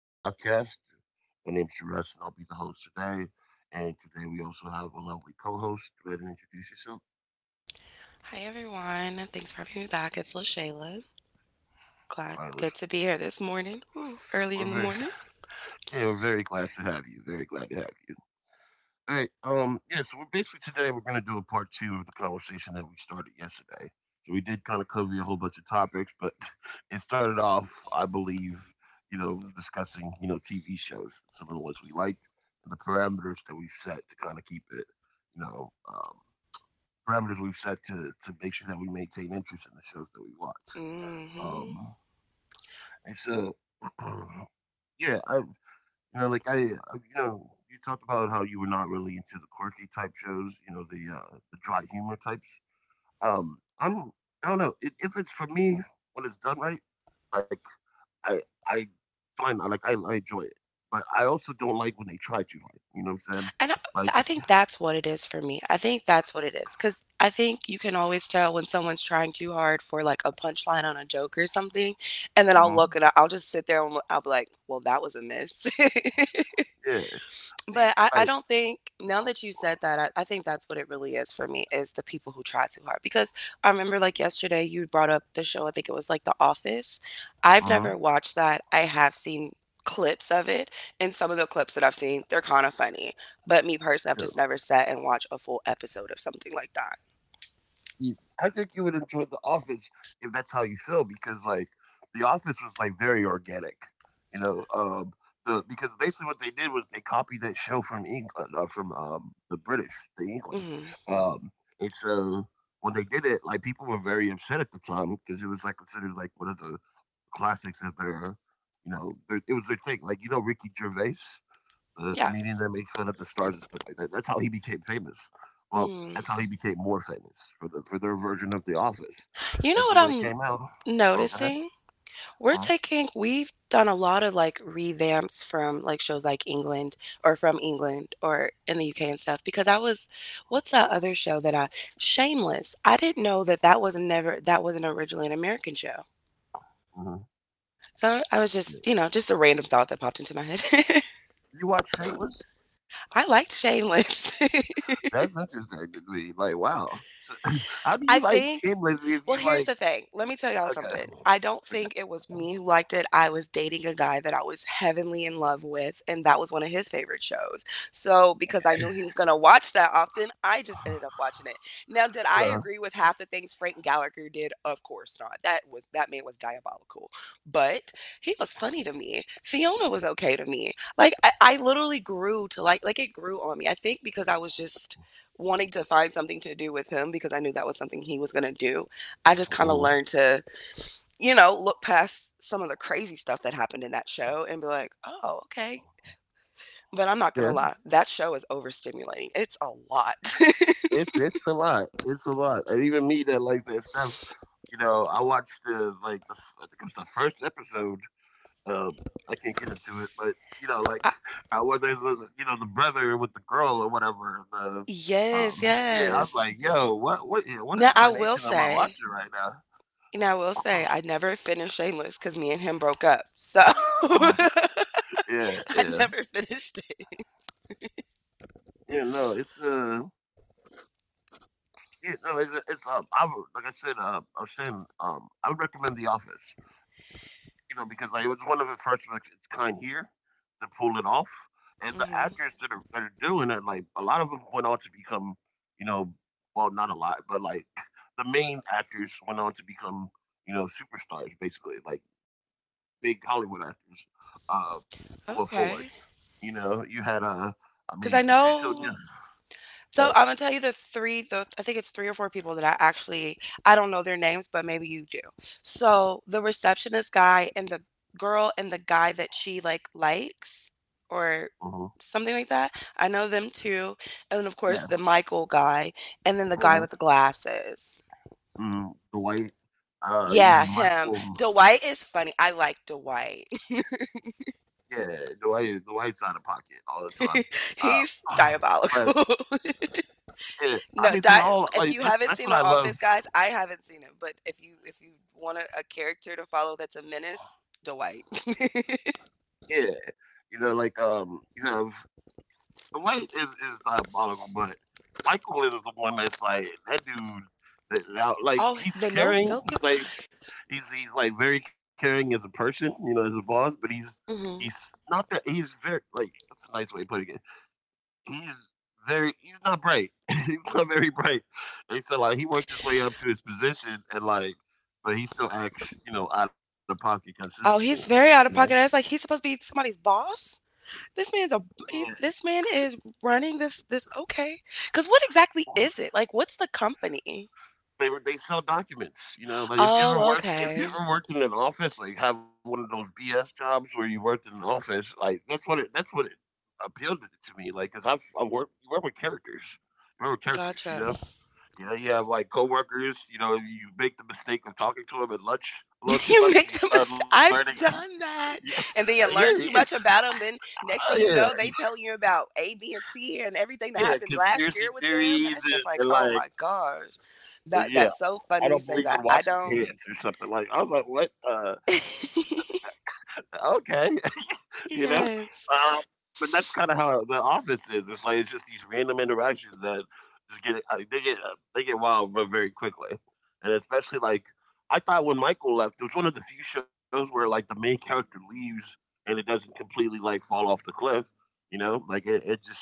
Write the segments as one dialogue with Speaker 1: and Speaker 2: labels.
Speaker 1: the podcast. My name is Jerez, and I'll be the host today. And today we also have a lovely co-host. Go ahead and introduce yourself,
Speaker 2: Hi everyone. Thanks for having me back. It's LaShayla. Good
Speaker 1: Silas.
Speaker 2: to be here this morning. Ooh, early in
Speaker 1: We're
Speaker 2: the
Speaker 1: very,
Speaker 2: morning.
Speaker 1: yeah, we're very glad to have you. Very glad to have you. All right. Yeah. So we're basically today we're going to do a part two of the conversation that we started yesterday. So we did kind of cover a whole bunch of topics, but it started off, I believe, discussing TV shows, some of the ones we liked, and the parameters that we set to kind of keep it, you know, um, parameters we've set to make sure that we maintain interest in the shows that we watch.
Speaker 2: hmm
Speaker 1: Um. And so, yeah, I you know, like I, you know, you talked about how you were not really into the quirky type shows, you know, the dry humor types. Um, I'm, I don't know, if it's for me when it's done right, like I, I find I enjoy it, but I also don't like when they try too hard. You know what I'm saying?
Speaker 2: And I,
Speaker 1: Like,
Speaker 2: I think that's what it is for me. I think that's what it is. Because I think you can always tell when someone's trying too hard for like a punchline on a joke or something. And then I'll
Speaker 1: uh
Speaker 2: look and I'll just sit there and I'll be like, well, that was a miss.
Speaker 1: yeah. See,
Speaker 2: But I
Speaker 1: like,
Speaker 2: don't think, now that you said that, I think that's what it really is for me, is the people who try too hard, because I remember, like, yesterday, you brought up the show, I think it was, like, The Office.
Speaker 1: uh
Speaker 2: I've
Speaker 1: huh,
Speaker 2: never watched that. I have seen clips of it, and some of the clips that I've seen, they're kinda funny, but me personally, I've
Speaker 1: yeah.
Speaker 2: just never sat and watched a full episode of something like that.
Speaker 1: I think you would enjoy The Office if that's how you feel, because like The Office was like very organic, you know. The Because basically what they did was they copied that show from England, from the British, the England,
Speaker 2: Mhm.
Speaker 1: um, and so when they did it, like people were very upset at the time because it was like considered like one of the classics of their, you know, their, it was their thing. Like you know Ricky Gervais. The
Speaker 2: Yeah.
Speaker 1: comedian that makes fun of the stars and stuff like that. That's how he became famous. Well,
Speaker 2: Mm.
Speaker 1: that's how he became more famous for their version of The Office.
Speaker 2: You know
Speaker 1: And
Speaker 2: what
Speaker 1: so when it came out,
Speaker 2: I'm
Speaker 1: oh, go ahead.
Speaker 2: noticing? We're
Speaker 1: Uh-huh.
Speaker 2: taking we've done a lot of, like, revamps from, like, shows like England or from England or in the UK and stuff, because I was, what's that other show that I, Shameless. I didn't know that that was never, that wasn't originally an American show.
Speaker 1: Mhm.
Speaker 2: So I was
Speaker 1: Yeah.
Speaker 2: just, you know, just a random thought that popped into my head.
Speaker 1: You watch Shameless?
Speaker 2: I liked Shameless.
Speaker 1: That's interesting to me. Like, wow. So, how do
Speaker 2: I
Speaker 1: you like
Speaker 2: think,
Speaker 1: Shameless if
Speaker 2: well,
Speaker 1: you
Speaker 2: here's
Speaker 1: like?
Speaker 2: the thing. Let me tell y'all
Speaker 1: Okay.
Speaker 2: something. I don't
Speaker 1: Okay.
Speaker 2: think it was me who liked it. I was dating a guy that I was heavenly in love with, and that was one of his favorite shows. So, because I knew he was going to watch that often, I just ended up watching it. Now, did I
Speaker 1: Uh,
Speaker 2: agree with half the things Frank Gallagher did? Of course not. That man was diabolical. But he was funny to me. Fiona was okay to me. I literally grew to like, it grew on me. I think because I was just wanting to find something to do with him because I knew that was something he was going to do. I just kind of
Speaker 1: mhm.
Speaker 2: learned to, you know, look past some of the crazy stuff that happened in that show and be like, oh, okay. But I'm not going
Speaker 1: Yeah,
Speaker 2: to lie, that show is overstimulating. It's a lot.
Speaker 1: it's a lot. It's a lot, and even me that like that stuff. You know, I watched the like the f- I think it was the first episode. Um, I can't get into it, but you know, like
Speaker 2: I,
Speaker 1: I was you know the brother with the girl or whatever.
Speaker 2: yes,
Speaker 1: Um, yeah, I was
Speaker 2: yes.
Speaker 1: like, yo, what
Speaker 2: Now, I will
Speaker 1: incarnation am I
Speaker 2: say,
Speaker 1: watching right now?
Speaker 2: Now I will say, I never finished Shameless because me and him broke up. So I
Speaker 1: yeah, yeah,
Speaker 2: never finished it.
Speaker 1: yeah. No, it's yeah, no, it's I would, like I said, I would recommend The Office. You know, because like it was one of the first of its kind here to pull it off. And the
Speaker 2: hmm
Speaker 1: actors that are doing it, like a lot of them went on to become, you know, well, not a lot, but like the main actors went on to become, you know, superstars basically, like big Hollywood actors uh, going
Speaker 2: Okay.
Speaker 1: forward. You know, you had I
Speaker 2: Because I
Speaker 1: mean, Patricio,
Speaker 2: know,
Speaker 1: yeah,
Speaker 2: so,
Speaker 1: uh,
Speaker 2: I'm gonna tell you the 3 the I think it's 3 or 4 people that I actually, I don't know their names, but maybe you do. So, the receptionist guy and the girl and the guy that she, like, likes or
Speaker 1: mhm,
Speaker 2: something like that, I know them too, and of
Speaker 1: yeah,
Speaker 2: course, the Michael guy, and then the
Speaker 1: mhm,
Speaker 2: guy with the glasses.
Speaker 1: mhm, Dwight. You
Speaker 2: Yeah,
Speaker 1: have
Speaker 2: him.
Speaker 1: Michael.
Speaker 2: Dwight is funny. I like Dwight.
Speaker 1: Yeah, Dwight's out of pocket all the time. Uh,
Speaker 2: He's
Speaker 1: but
Speaker 2: diabolical.
Speaker 1: yeah, I mean, they
Speaker 2: No,
Speaker 1: all like that's
Speaker 2: If you
Speaker 1: that's what
Speaker 2: haven't
Speaker 1: I
Speaker 2: seen The
Speaker 1: love.
Speaker 2: Office, guys, I haven't seen it, but if you want a character to follow that's a menace, Dwight.
Speaker 1: Yeah, you know, like Dwight is diabolical, but Michael is the one that's like that dude. Now, like
Speaker 2: Oh,
Speaker 1: he's
Speaker 2: the no
Speaker 1: caring.
Speaker 2: filter.
Speaker 1: He's he's like very caring as a person, you know, as a boss. But he's
Speaker 2: hmm
Speaker 1: he's not that. He's very like that's a nice way of putting it he's very he's not bright. He's not very bright. They said like he worked his way up to his position and like but he still acts, you know, out of pocket consistently.
Speaker 2: Oh, he's
Speaker 1: You
Speaker 2: very
Speaker 1: know.
Speaker 2: out of pocket. I was like, he's supposed to be somebody's boss. This man's a
Speaker 1: Yeah.
Speaker 2: this man is running this, okay. Because what exactly is it? Like, what's the company?
Speaker 1: They sell documents, you know. Like if you ever
Speaker 2: Oh,
Speaker 1: worked if you
Speaker 2: okay,
Speaker 1: ever worked in an office, like have one of those BS jobs where you worked in an office, like that's what it appealed to me. Like, cause I work you work with characters. You work with characters, you
Speaker 2: gotcha.
Speaker 1: know? You know, you have like coworkers. You know, you make the mistake of talking to them at lunch a little too
Speaker 2: You
Speaker 1: much, and
Speaker 2: make
Speaker 1: you
Speaker 2: the
Speaker 1: start
Speaker 2: mistake.
Speaker 1: learning.
Speaker 2: I've done
Speaker 1: yeah,
Speaker 2: that. And then
Speaker 1: yeah,
Speaker 2: you
Speaker 1: yeah,
Speaker 2: learn too much about them. Then
Speaker 1: oh,
Speaker 2: next thing
Speaker 1: yeah,
Speaker 2: you know, they telling you about A, B, and C and everything that
Speaker 1: yeah.
Speaker 2: happened last
Speaker 1: Conspiracy
Speaker 2: year with them. And
Speaker 1: theories
Speaker 2: it's
Speaker 1: and,
Speaker 2: just like,
Speaker 1: and
Speaker 2: oh
Speaker 1: like,
Speaker 2: my gosh.
Speaker 1: but
Speaker 2: That,
Speaker 1: yeah,
Speaker 2: that's so
Speaker 1: I
Speaker 2: funny you
Speaker 1: don't
Speaker 2: say
Speaker 1: believe
Speaker 2: that.
Speaker 1: in
Speaker 2: I
Speaker 1: washing
Speaker 2: don't,
Speaker 1: hands or something like. I was like, what? Okay. You know?
Speaker 2: yes.
Speaker 1: Um, but that's kinda how The Office is. It's like, it's just these random interactions that just get they get wild but very quickly. And especially, like, I thought when Michael left, it was one of the few shows where, like, the main character leaves and it doesn't completely, like, fall off the cliff, you know? Like, it just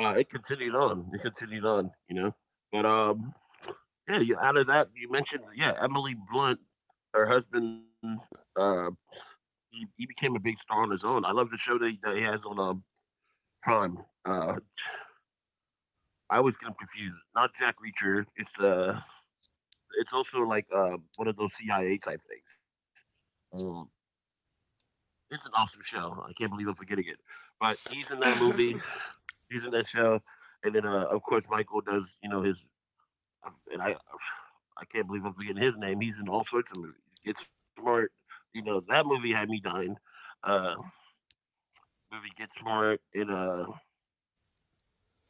Speaker 1: it continued on. It continued on, you know? But, yeah, you out of that, you mentioned, yeah, Emily Blunt, her husband, uh he became a big star on his own. I love the show that that he has on Prime. Uh, I always get him confused. Not Jack Reacher. It's also like one of those CIA type things. Um, it's an awesome show. I can't believe I'm forgetting it. But he's in that movie. He's in that show, and then of course Michael does. You know and I, I can't believe I'm forgetting his name. He's in all sorts of movies. Get Smart. You know that movie had me dying. Uh, movie Get Smart and uh,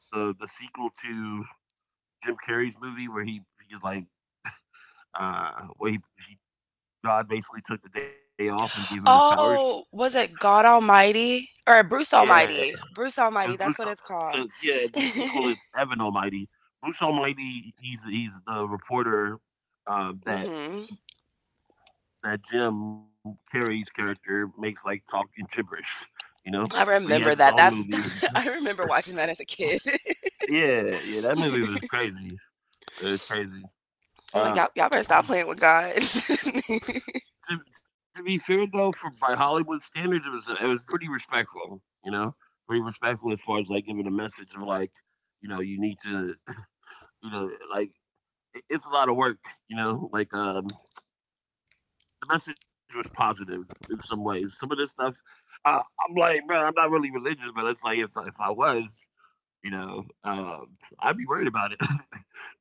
Speaker 1: the the sequel to Jim Carrey's movie where he like where he God basically took the day off and gave him his powers.
Speaker 2: Oh, was it God Almighty? Or Bruce
Speaker 1: Yeah, it
Speaker 2: Almighty. Bruce
Speaker 1: was
Speaker 2: Almighty,
Speaker 1: Bruce.
Speaker 2: that's what it's
Speaker 1: So
Speaker 2: called.
Speaker 1: yeah, the sequel
Speaker 2: hmm
Speaker 1: is Evan Almighty. Bruce Almighty, he's the reporter uh, that that Jim Carrey's character makes like talking gibberish, you know.
Speaker 2: I
Speaker 1: But he has his
Speaker 2: remember
Speaker 1: own
Speaker 2: that. That
Speaker 1: movie.
Speaker 2: I remember watching that as a kid.
Speaker 1: Yeah, yeah, that movie was crazy. It was crazy.
Speaker 2: I'm like,
Speaker 1: Uh,
Speaker 2: y'all, y'all better stop playing with God.
Speaker 1: to be fair though, for by Hollywood standards, it was pretty respectful. You know, pretty respectful as far as like giving a message of like, you know, you need to, you know, like it's a lot of work. You know, like the message was positive in some ways. Some of this stuff, uh, I'm like, bro, I'm not really religious, but it's like if I was, you know, I'd be worried about it.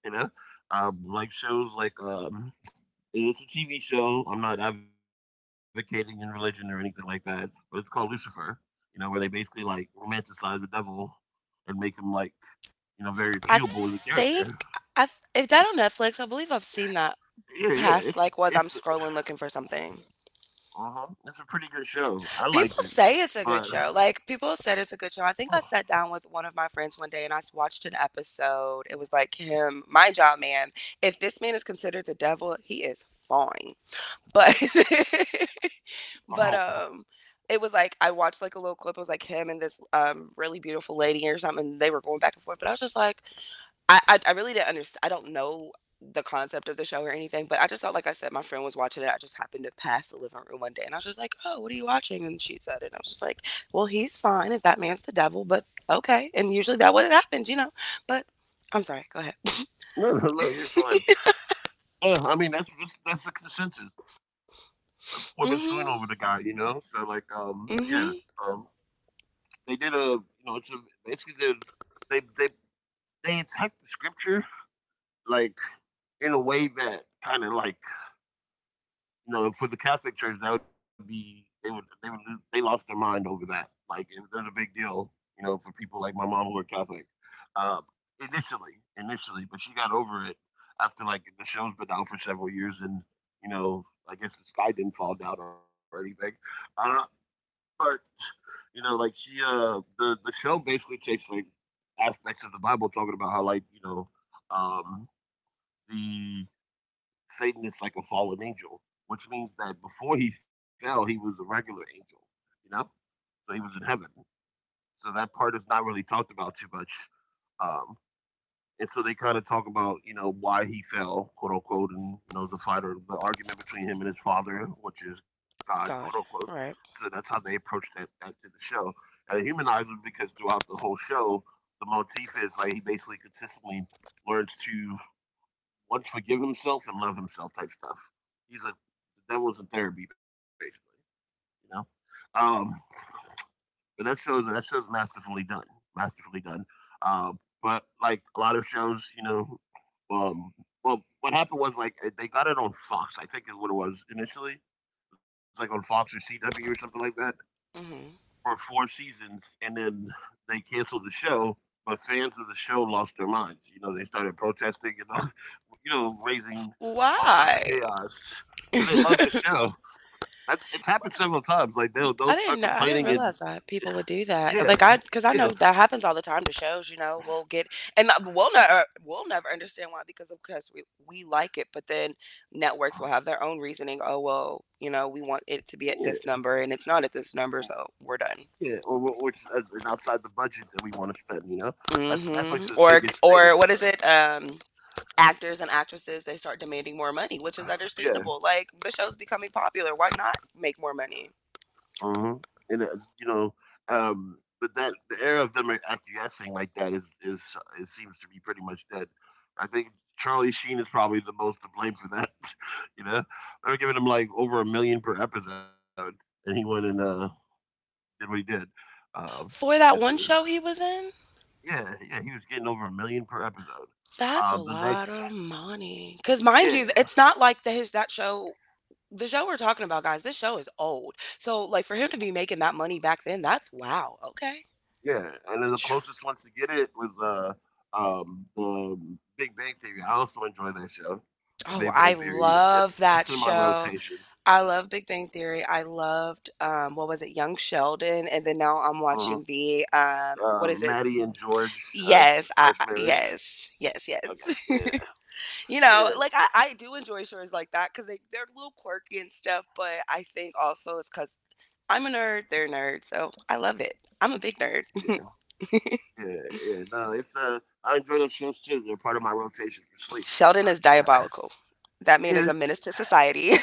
Speaker 1: You know, like shows like it's a TV show. I'm not advocating in religion or anything like that, but it's called Lucifer. You know, where they basically like romanticize the devil and make him like you know very
Speaker 2: I
Speaker 1: appealable as a character.
Speaker 2: think, I, if that on Netflix, I believe I've seen that
Speaker 1: Yeah, yeah.
Speaker 2: past, like, was, I'm scrolling looking for something.
Speaker 1: It's a pretty good show. I liked it,
Speaker 2: People say it's
Speaker 1: but
Speaker 2: a good show. Like people have said it's a good show. I think I
Speaker 1: oh,
Speaker 2: sat down with one of my friends one day and I watched an episode. It was like him, my job man. If this man is considered the devil, he is fine. But
Speaker 1: oh,
Speaker 2: but it was like I watched like a little clip. It was like him and this really beautiful lady or something. They were going back and forth, but I was just like, I really didn't understand. I don't know the concept of the show or anything, but I just thought, like I said, my friend was watching it. I just happened to pass the living room one day, and I was just like, "Oh, what are you watching?" And she said it. And I was just like, "Well, he's fine if that man's the devil, but okay." And usually that what happens, you know. But I'm sorry. Go ahead.
Speaker 1: no, no, no, you're fine. Yeah, I mean that's the consensus. Women suing over the guy,
Speaker 2: Mm-hmm.
Speaker 1: you know. So like, yeah,
Speaker 2: Mm-hmm.
Speaker 1: um, they did a you know it's a basically they they they they attacked the scripture like in a way that kind of like you know for the Catholic Church that would be they would they lost their mind over that like was a big deal you know for people like my mom who are Catholic um, initially but she got over it after like the show's been out for several years and you know I guess the sky didn't fall down or anything uh, but you know like she the show basically takes like aspects of the Bible talking about how like you know um the Satan is like a fallen angel, which means that before he fell, he was a regular angel, you know? So he was in heaven. So that part is not really talked about too much. Um, and so they kind of talk about, you know, why he fell, quote unquote, and, you know, the fight or the argument between him and his father, which is God, quote
Speaker 2: God.
Speaker 1: unquote.
Speaker 2: All right.
Speaker 1: So that's how they approach that to the show. And it humanizes him because throughout the whole show, the motif is like he basically consistently learns to once forgive himself and love himself type stuff. He's a the devil's in therapy basically, you know. Um, but That shows masterfully done, masterfully done. Uh, but like a lot of shows, you know, um, well, what happened was like they got it on Fox, I think is what it was initially. It was like on Fox or CW or something like that
Speaker 2: Mm-hmm.
Speaker 1: for 4 seasons, and then they canceled the show. But fans of the show lost their minds. You know, they started protesting and all, raising all sorts of
Speaker 2: Why?
Speaker 1: chaos because they love the show. That's It's happened several times. Like they'll start
Speaker 2: I didn't know.
Speaker 1: complaining
Speaker 2: I didn't
Speaker 1: and
Speaker 2: realize that people would do
Speaker 1: yeah,
Speaker 2: that. Like I,
Speaker 1: yeah,
Speaker 2: because I know that happens all the time to shows. You know, we'll get, and we'll never understand why because of course we like it, but then networks will have their own reasoning. Oh well, you know, we want it to
Speaker 1: yeah,
Speaker 2: be at this number and it's not at this number, so we're done.
Speaker 1: yeah, which is outside the budget that we want to spend. You know, that's Netflix's biggest thing.
Speaker 2: Or what is it? Actors and actresses, they start demanding more money, which is
Speaker 1: Yeah,
Speaker 2: understandable. Like the show's becoming popular, why not make more money
Speaker 1: uh huh, And, uh, you know, um, but that the era of them acquiescing like that is it seems to be pretty much dead. I think Charlie Sheen is probably the most to blame for that. you know, they were giving him like over 1 million per episode, and he went and did what he did. Um,
Speaker 2: for
Speaker 1: 'cause,
Speaker 2: that
Speaker 1: uh,
Speaker 2: one show he was in?
Speaker 1: yeah, yeah, he was getting over 1 million per episode.
Speaker 2: That's
Speaker 1: Uh,
Speaker 2: a
Speaker 1: the next,
Speaker 2: lot of money, cause mind you,
Speaker 1: yeah.
Speaker 2: it's not like the show we're talking about, guys, this show is old. So, like, for him to be making that money back then, that's wow, okay.
Speaker 1: Yeah, and then the
Speaker 2: Phew.
Speaker 1: closest ones to get it was the Big Bang Theory. I also enjoy that show. The
Speaker 2: Oh,
Speaker 1: Big
Speaker 2: I
Speaker 1: Bang Theory. You
Speaker 2: love
Speaker 1: That's
Speaker 2: that
Speaker 1: in my
Speaker 2: show.
Speaker 1: rotation.
Speaker 2: I love Big Bang Theory. I loved, what was it, Young Sheldon, and then now I'm
Speaker 1: Hmm.
Speaker 2: watching the, what is it?
Speaker 1: Maddie and George,
Speaker 2: Yes, I,
Speaker 1: first marriage.
Speaker 2: yes, yes,
Speaker 1: I
Speaker 2: yes.
Speaker 1: Yeah,
Speaker 2: You know,
Speaker 1: yeah,
Speaker 2: like I do enjoy shows like that because they they're a little quirky and stuff, but I think also it's because I'm a nerd, they're a nerd, so I love it. I'm a big nerd.
Speaker 1: yeah, yeah, yeah. No, it's I enjoy those shows too. They're part of my rotation for sleep.
Speaker 2: Sheldon is diabolical. That man is a
Speaker 1: Yeah,
Speaker 2: menace to society.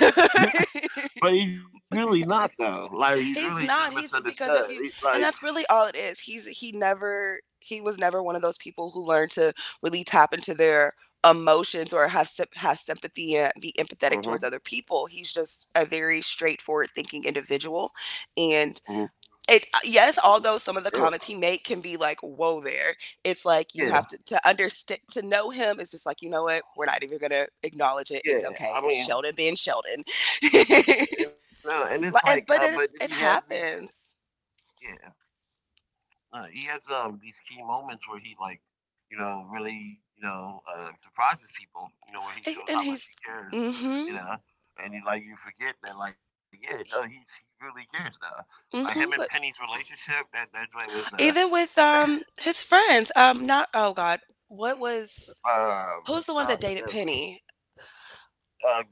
Speaker 1: yeah. But he's really not though. Like he's really
Speaker 2: He's
Speaker 1: just
Speaker 2: not. He's,
Speaker 1: misunderstood.
Speaker 2: because if
Speaker 1: He's
Speaker 2: you,
Speaker 1: like,
Speaker 2: and that's really all it is. He was never one of those people who learned to really tap into their emotions or have have sympathy and be empathetic towards
Speaker 1: uh
Speaker 2: other people. He's just a very straightforward thinking individual, and
Speaker 1: hmm
Speaker 2: it, yes, although some of the
Speaker 1: Yeah,
Speaker 2: comments he made can be like, whoa there, it's like you have to
Speaker 1: yeah.
Speaker 2: to understand. To know him, it's just like, you know what, we're not even gonna acknowledge it, it's okay,
Speaker 1: Yeah,
Speaker 2: it's
Speaker 1: I
Speaker 2: Sheldon
Speaker 1: mean,
Speaker 2: being Sheldon.
Speaker 1: You you know, and it's
Speaker 2: And
Speaker 1: like,
Speaker 2: but it
Speaker 1: but then
Speaker 2: it
Speaker 1: he has these,
Speaker 2: happens.
Speaker 1: yeah, he has these key moments where he surprises people. You know, where he
Speaker 2: A-
Speaker 1: shows
Speaker 2: and
Speaker 1: how much
Speaker 2: he's
Speaker 1: he cares.
Speaker 2: Mm-hmm.
Speaker 1: You know, and you forget that like, yeah, no, he really cares now. Like him and
Speaker 2: Mm-hmm.
Speaker 1: Penny's
Speaker 2: But
Speaker 1: relationship, that joint was
Speaker 2: even with his friends, um, not, oh god, what was, who's the one
Speaker 1: John,
Speaker 2: that dated Penny,
Speaker 1: uh, um,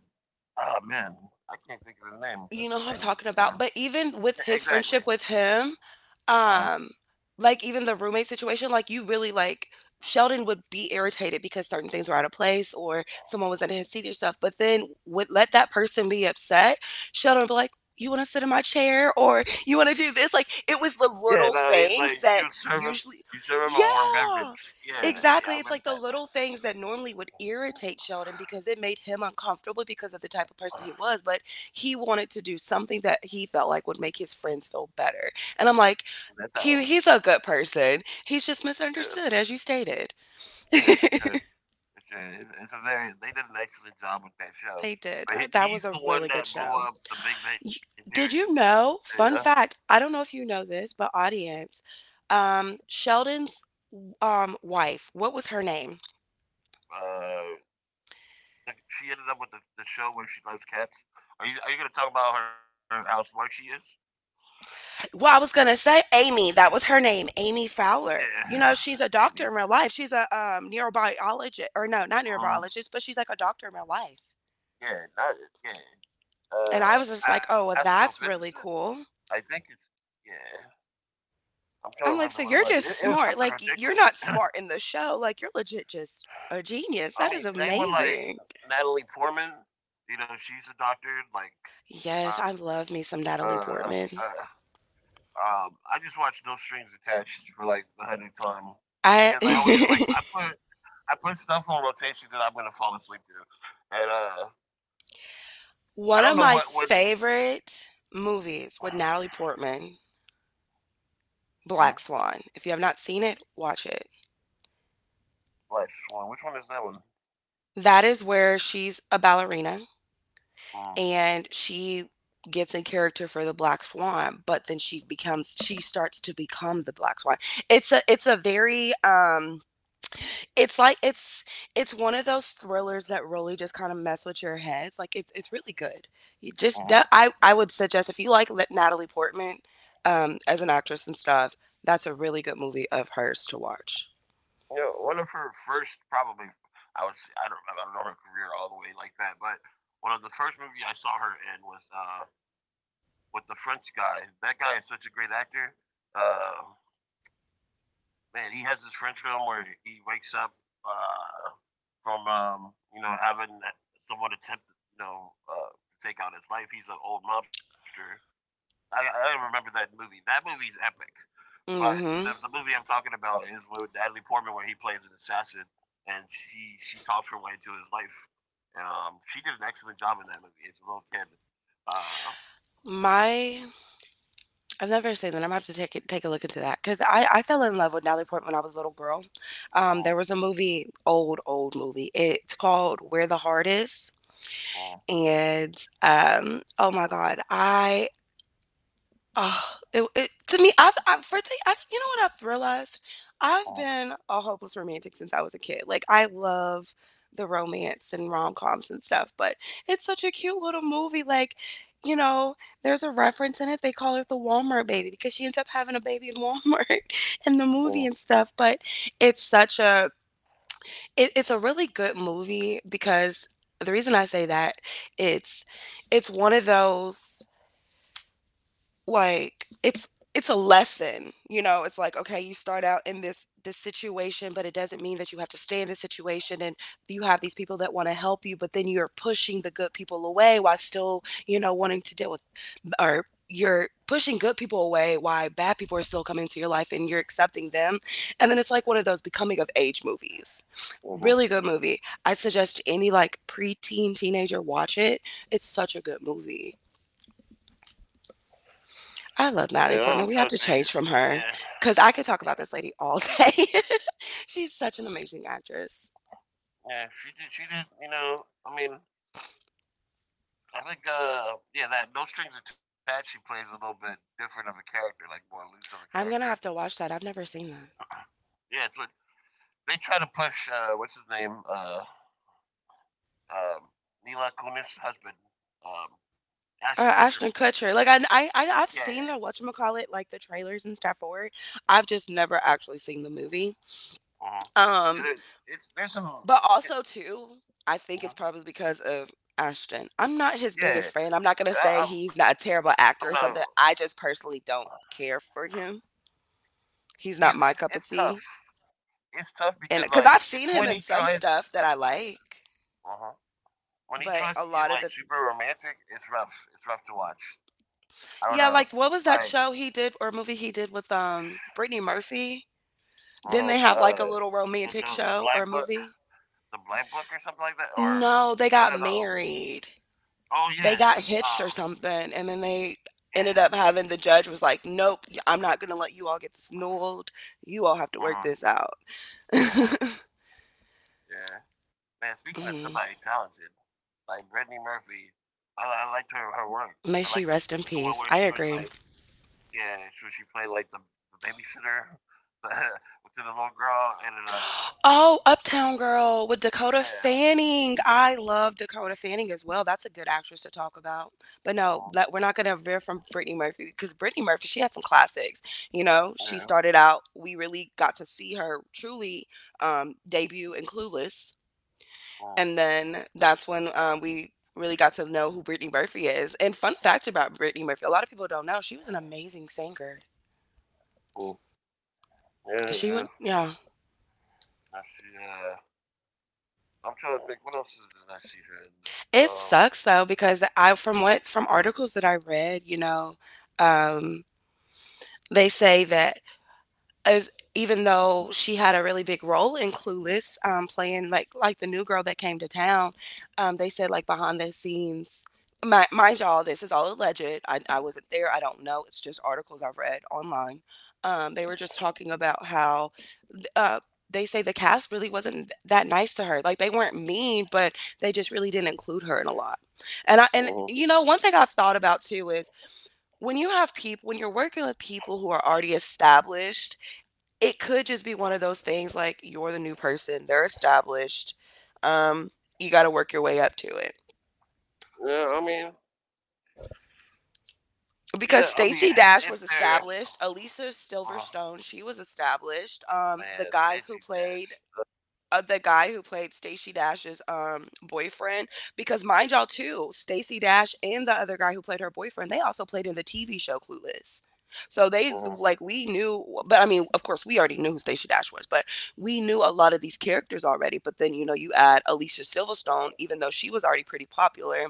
Speaker 1: oh man, I can't think of his name
Speaker 2: you know who I'm
Speaker 1: right
Speaker 2: talking
Speaker 1: now.
Speaker 2: about. But
Speaker 1: Yeah,
Speaker 2: even with
Speaker 1: exactly.
Speaker 2: his friendship with him,
Speaker 1: Uh-huh.
Speaker 2: um, like even the roommate situation, like you really, like, Sheldon would be irritated because certain things were out of place or someone was in his seat or stuff. But then would let that person be upset. Sheldon would be like, "You want to sit in my chair or you want to do this?" Like it was the
Speaker 1: Yeah, no,
Speaker 2: little
Speaker 1: he's like,
Speaker 2: things that,
Speaker 1: you
Speaker 2: usually,
Speaker 1: serve him a warm
Speaker 2: yeah.
Speaker 1: beverage. Yeah, yeah, I
Speaker 2: Exactly. It's
Speaker 1: remember
Speaker 2: like
Speaker 1: that.
Speaker 2: the little things that normally would irritate Sheldon because it made him uncomfortable because of the type of person he was. But he wanted to do something that he felt like would make his friends feel better. And I'm like,
Speaker 1: And that's how,
Speaker 2: he's a good person. He's just
Speaker 1: yeah,
Speaker 2: misunderstood, as you stated.
Speaker 1: yeah, for sure, for sure. It's hilarious. They did an excellent job with that show,
Speaker 2: They did.
Speaker 1: but
Speaker 2: That was
Speaker 1: he's
Speaker 2: a
Speaker 1: the one
Speaker 2: really good
Speaker 1: that blew
Speaker 2: show.
Speaker 1: up the Big Bang
Speaker 2: You,
Speaker 1: Theory.
Speaker 2: did you
Speaker 1: You
Speaker 2: know?
Speaker 1: know,
Speaker 2: Fun fact. I don't know if you know this, but audience. Sheldon's wife. What was her name?
Speaker 1: uh, she ended up with the show where she loves cats. Are you gonna talk about her how smart she is?
Speaker 2: Well, I was gonna say Amy. That was her name, Amy Fowler. You
Speaker 1: Yeah,
Speaker 2: know, she's a
Speaker 1: Amy.
Speaker 2: doctor in real life. She's a neurobiologist, or no, not
Speaker 1: Uh,
Speaker 2: neurobiologist, but she's like a doctor in real life.
Speaker 1: yeah, not yeah.
Speaker 2: And I
Speaker 1: Uh,
Speaker 2: was just like, "Oh, well, that's
Speaker 1: astrophysicist.
Speaker 2: really
Speaker 1: I
Speaker 2: cool."
Speaker 1: think it's yeah. I'm trying to remember
Speaker 2: I'm
Speaker 1: what
Speaker 2: like,
Speaker 1: it
Speaker 2: "So
Speaker 1: was.
Speaker 2: you're
Speaker 1: It
Speaker 2: just
Speaker 1: was something
Speaker 2: smart. Like,
Speaker 1: ridiculous.
Speaker 2: you're not
Speaker 1: I
Speaker 2: smart in the show. Like, you're legit just a genius. That
Speaker 1: mean,
Speaker 2: is
Speaker 1: same with like
Speaker 2: amazing."
Speaker 1: Natalie Portman. You know, she's a doctor.
Speaker 2: Yes, I
Speaker 1: Uh,
Speaker 2: love me some
Speaker 1: uh
Speaker 2: Natalie Portman.
Speaker 1: um, I just watched No Strings Attached for like the 100th time because I always like
Speaker 2: I
Speaker 1: I put stuff on rotation that I'm gonna fall asleep to, and I don't know
Speaker 2: one of
Speaker 1: what.
Speaker 2: my favorite movies with Natalie Portman,
Speaker 1: Mhm.
Speaker 2: Black Swan. If you have not seen it, watch it.
Speaker 1: Black Swan. Which one is that one?
Speaker 2: That is where she's a ballerina
Speaker 1: Mm-hmm.
Speaker 2: and she gets in character for the black swan but then she becomes she starts to become the black swan. It's a very it's like it's one of those thrillers that really just kind of mess with your heads. Like it's really good. you just
Speaker 1: Mm-hmm.
Speaker 2: de- i i would suggest, if you like Natalie Portman as an actress and stuff, that's a really good movie of hers to watch.
Speaker 1: You know, one of her first probably, I would say. I don't know her career all the way like that, but one of the first movies I saw her in was with the French guy. That guy is such a great actor. Uh, man, he has this French film where he wakes up uh, from having someone attempt to take out his life. He's an old mobster. I, I remember that movie. That movie's epic. But the
Speaker 2: Mm-hmm.
Speaker 1: movie I'm talking about is with Natalie Portman, where he plays an assassin, and she talks her way to his life. And she did an excellent job in that movie. It's a little kid. Uh,
Speaker 2: my I've never seen that. I'm gonna have to take a look into that, because I fell in love with Natalie Portman when I was a little girl.
Speaker 1: mhm,
Speaker 2: There was a movie, old movie. It's called Where the Heart Is,
Speaker 1: mhm,
Speaker 2: and oh my God, I Oh, it to me, I've for thing I've you know what I've realized? I've
Speaker 1: mhm,
Speaker 2: been a hopeless romantic since I was a kid. Like, I love the romance and rom-coms and stuff. But it's such a cute little movie. Like, you know, there's a reference in it, they call her the Walmart baby because she ends up having a baby in Walmart in the
Speaker 1: mhm,
Speaker 2: movie and stuff. But it's such a it's a really good movie, because the reason I say that, it's it's one of those, like it's it's a lesson. It's like, okay, you start out in this situation, but it doesn't mean that you have to stay in this situation. And you have these people that want to help you, but then you're pushing the good people away while still, wanting to deal with, or you're pushing good people away while bad people are still coming into your life and you're accepting them. And then it's like one of those becoming of age movies.
Speaker 1: mhm.
Speaker 2: Really good movie. I'd suggest any like preteen teenager watch it. It's such a good movie. I
Speaker 1: Yeah,
Speaker 2: love
Speaker 1: I'm
Speaker 2: Natalie
Speaker 1: trying to
Speaker 2: Portman. We
Speaker 1: think.
Speaker 2: have to change from
Speaker 1: Yeah,
Speaker 2: her because I could
Speaker 1: yeah,
Speaker 2: talk about this lady all day. She's such an amazing actress.
Speaker 1: yeah. She did. She did. You know, I mean, I think. Yeah, that No Strings Attached. She plays a little bit different of a character, like more loose of a character.
Speaker 2: I'm gonna have to watch that. I've never seen that.
Speaker 1: Yeah, it's what they try to push. What's his name? Um, Mila Kunis' husband, um, Ashton
Speaker 2: Ashton
Speaker 1: Kutcher.
Speaker 2: Kutcher. Like
Speaker 1: Yeah, yeah.
Speaker 2: I've seen the whatchamacallit, like the trailers and stuff for it. I've just never actually seen the movie.
Speaker 1: Uh-huh.
Speaker 2: Um,
Speaker 1: There- It's
Speaker 2: but
Speaker 1: It,
Speaker 2: also too, I think it's
Speaker 1: uh
Speaker 2: probably because of Ashton. I'm not his biggest
Speaker 1: Yeah,
Speaker 2: fan. I'm not gonna say
Speaker 1: I'm
Speaker 2: he's not a
Speaker 1: not.
Speaker 2: terrible actor or something. I just personally don't care for him. He's not
Speaker 1: It's
Speaker 2: my
Speaker 1: tough.
Speaker 2: cup of tea.
Speaker 1: It's tough because like
Speaker 2: And because
Speaker 1: it's
Speaker 2: I've
Speaker 1: when he
Speaker 2: seen him in
Speaker 1: tries.
Speaker 2: some stuff that I like,
Speaker 1: Uh-huh. When he
Speaker 2: but
Speaker 1: tries to
Speaker 2: a
Speaker 1: get
Speaker 2: lot
Speaker 1: like
Speaker 2: of the
Speaker 1: super romantic, it's rough. It's rough to watch. I don't know,
Speaker 2: yeah, like what
Speaker 1: like
Speaker 2: was that show he did or movie he did with Brittany Murphy?
Speaker 1: uh,
Speaker 2: Didn't they have
Speaker 1: uh
Speaker 2: like a little
Speaker 1: the no,
Speaker 2: romantic show or movie?
Speaker 1: The blind Book or something like that, or
Speaker 2: No, they
Speaker 1: no,
Speaker 2: got
Speaker 1: no, no.
Speaker 2: married.
Speaker 1: Oh
Speaker 2: They
Speaker 1: yeah.
Speaker 2: got hitched or
Speaker 1: Um.
Speaker 2: something, and then they
Speaker 1: Yeah.
Speaker 2: ended up having the judge was like, "Nope, I'm not gonna let you all get this annulled. You all
Speaker 1: Uh
Speaker 2: have to work
Speaker 1: huh.
Speaker 2: this out."
Speaker 1: Uh huh. Yeah. Man, speaking of
Speaker 2: Mhm.
Speaker 1: somebody talented, like Brittany Murphy, I liked her work.
Speaker 2: May
Speaker 1: I
Speaker 2: she
Speaker 1: liked the
Speaker 2: rest
Speaker 1: one
Speaker 2: in
Speaker 1: where she was
Speaker 2: peace. I
Speaker 1: like,
Speaker 2: agree.
Speaker 1: yeah, so she played like the babysitter to the little girl, and then,
Speaker 2: Oh, Uptown Girl with Dakota
Speaker 1: yeah,
Speaker 2: Fanning. I love Dakota Fanning as well. That's a good actress to talk about. But no,
Speaker 1: mm,
Speaker 2: we're not going to veer from Brittany Murphy, because Brittany Murphy, she had some classics. You know,
Speaker 1: yeah,
Speaker 2: she started out, we really got to see her truly debut in Clueless.
Speaker 1: mm,
Speaker 2: And then that's when we really got to know who Brittany Murphy is. And fun fact about Brittany Murphy, a lot of people don't know, she was an amazing singer.
Speaker 1: mm, yeah,
Speaker 2: She
Speaker 1: yeah.
Speaker 2: went, yeah.
Speaker 1: I see, I'm trying to think, what else did I see her in?
Speaker 2: It
Speaker 1: Uh,
Speaker 2: sucks though, because I from what from articles that I read, you know, um, they say that, as even though she had a really big role in Clueless, playing like the new girl that came to town, they said like behind the scenes. Mind y'all, this is all alleged. I wasn't there. I don't know. It's just articles I've read online. They were just talking about how uh, they say the cast really wasn't that nice to her. Like they weren't mean, but they just really didn't include her in a lot. And
Speaker 1: mhm.
Speaker 2: you know, one thing I have thought about too is, when you have people, when you're working with people who are already established, it could just be one of those things, like you're the new person, they're established. Um, you got to work your way up to it.
Speaker 1: Yeah, I mean, yeah, I
Speaker 2: Because
Speaker 1: mean,
Speaker 2: Stacy
Speaker 1: if
Speaker 2: Dash was
Speaker 1: there,
Speaker 2: established, Elisa
Speaker 1: uh,
Speaker 2: Silverstone, she was established. Um,
Speaker 1: man,
Speaker 2: the guy
Speaker 1: Stacey
Speaker 2: who
Speaker 1: Dash.
Speaker 2: played uh, the guy who played Stacey Dash's boyfriend, because mind y'all too, Stacey Dash and the other guy who played her boyfriend, they also played in the TV show Clueless. So
Speaker 1: Mm-hmm.
Speaker 2: they like we knew, but I mean, of course, we already knew who Stacey Dash was, but we knew a lot of these characters already. But then, you know, you add Alicia Silverstone, even though she was already pretty popular,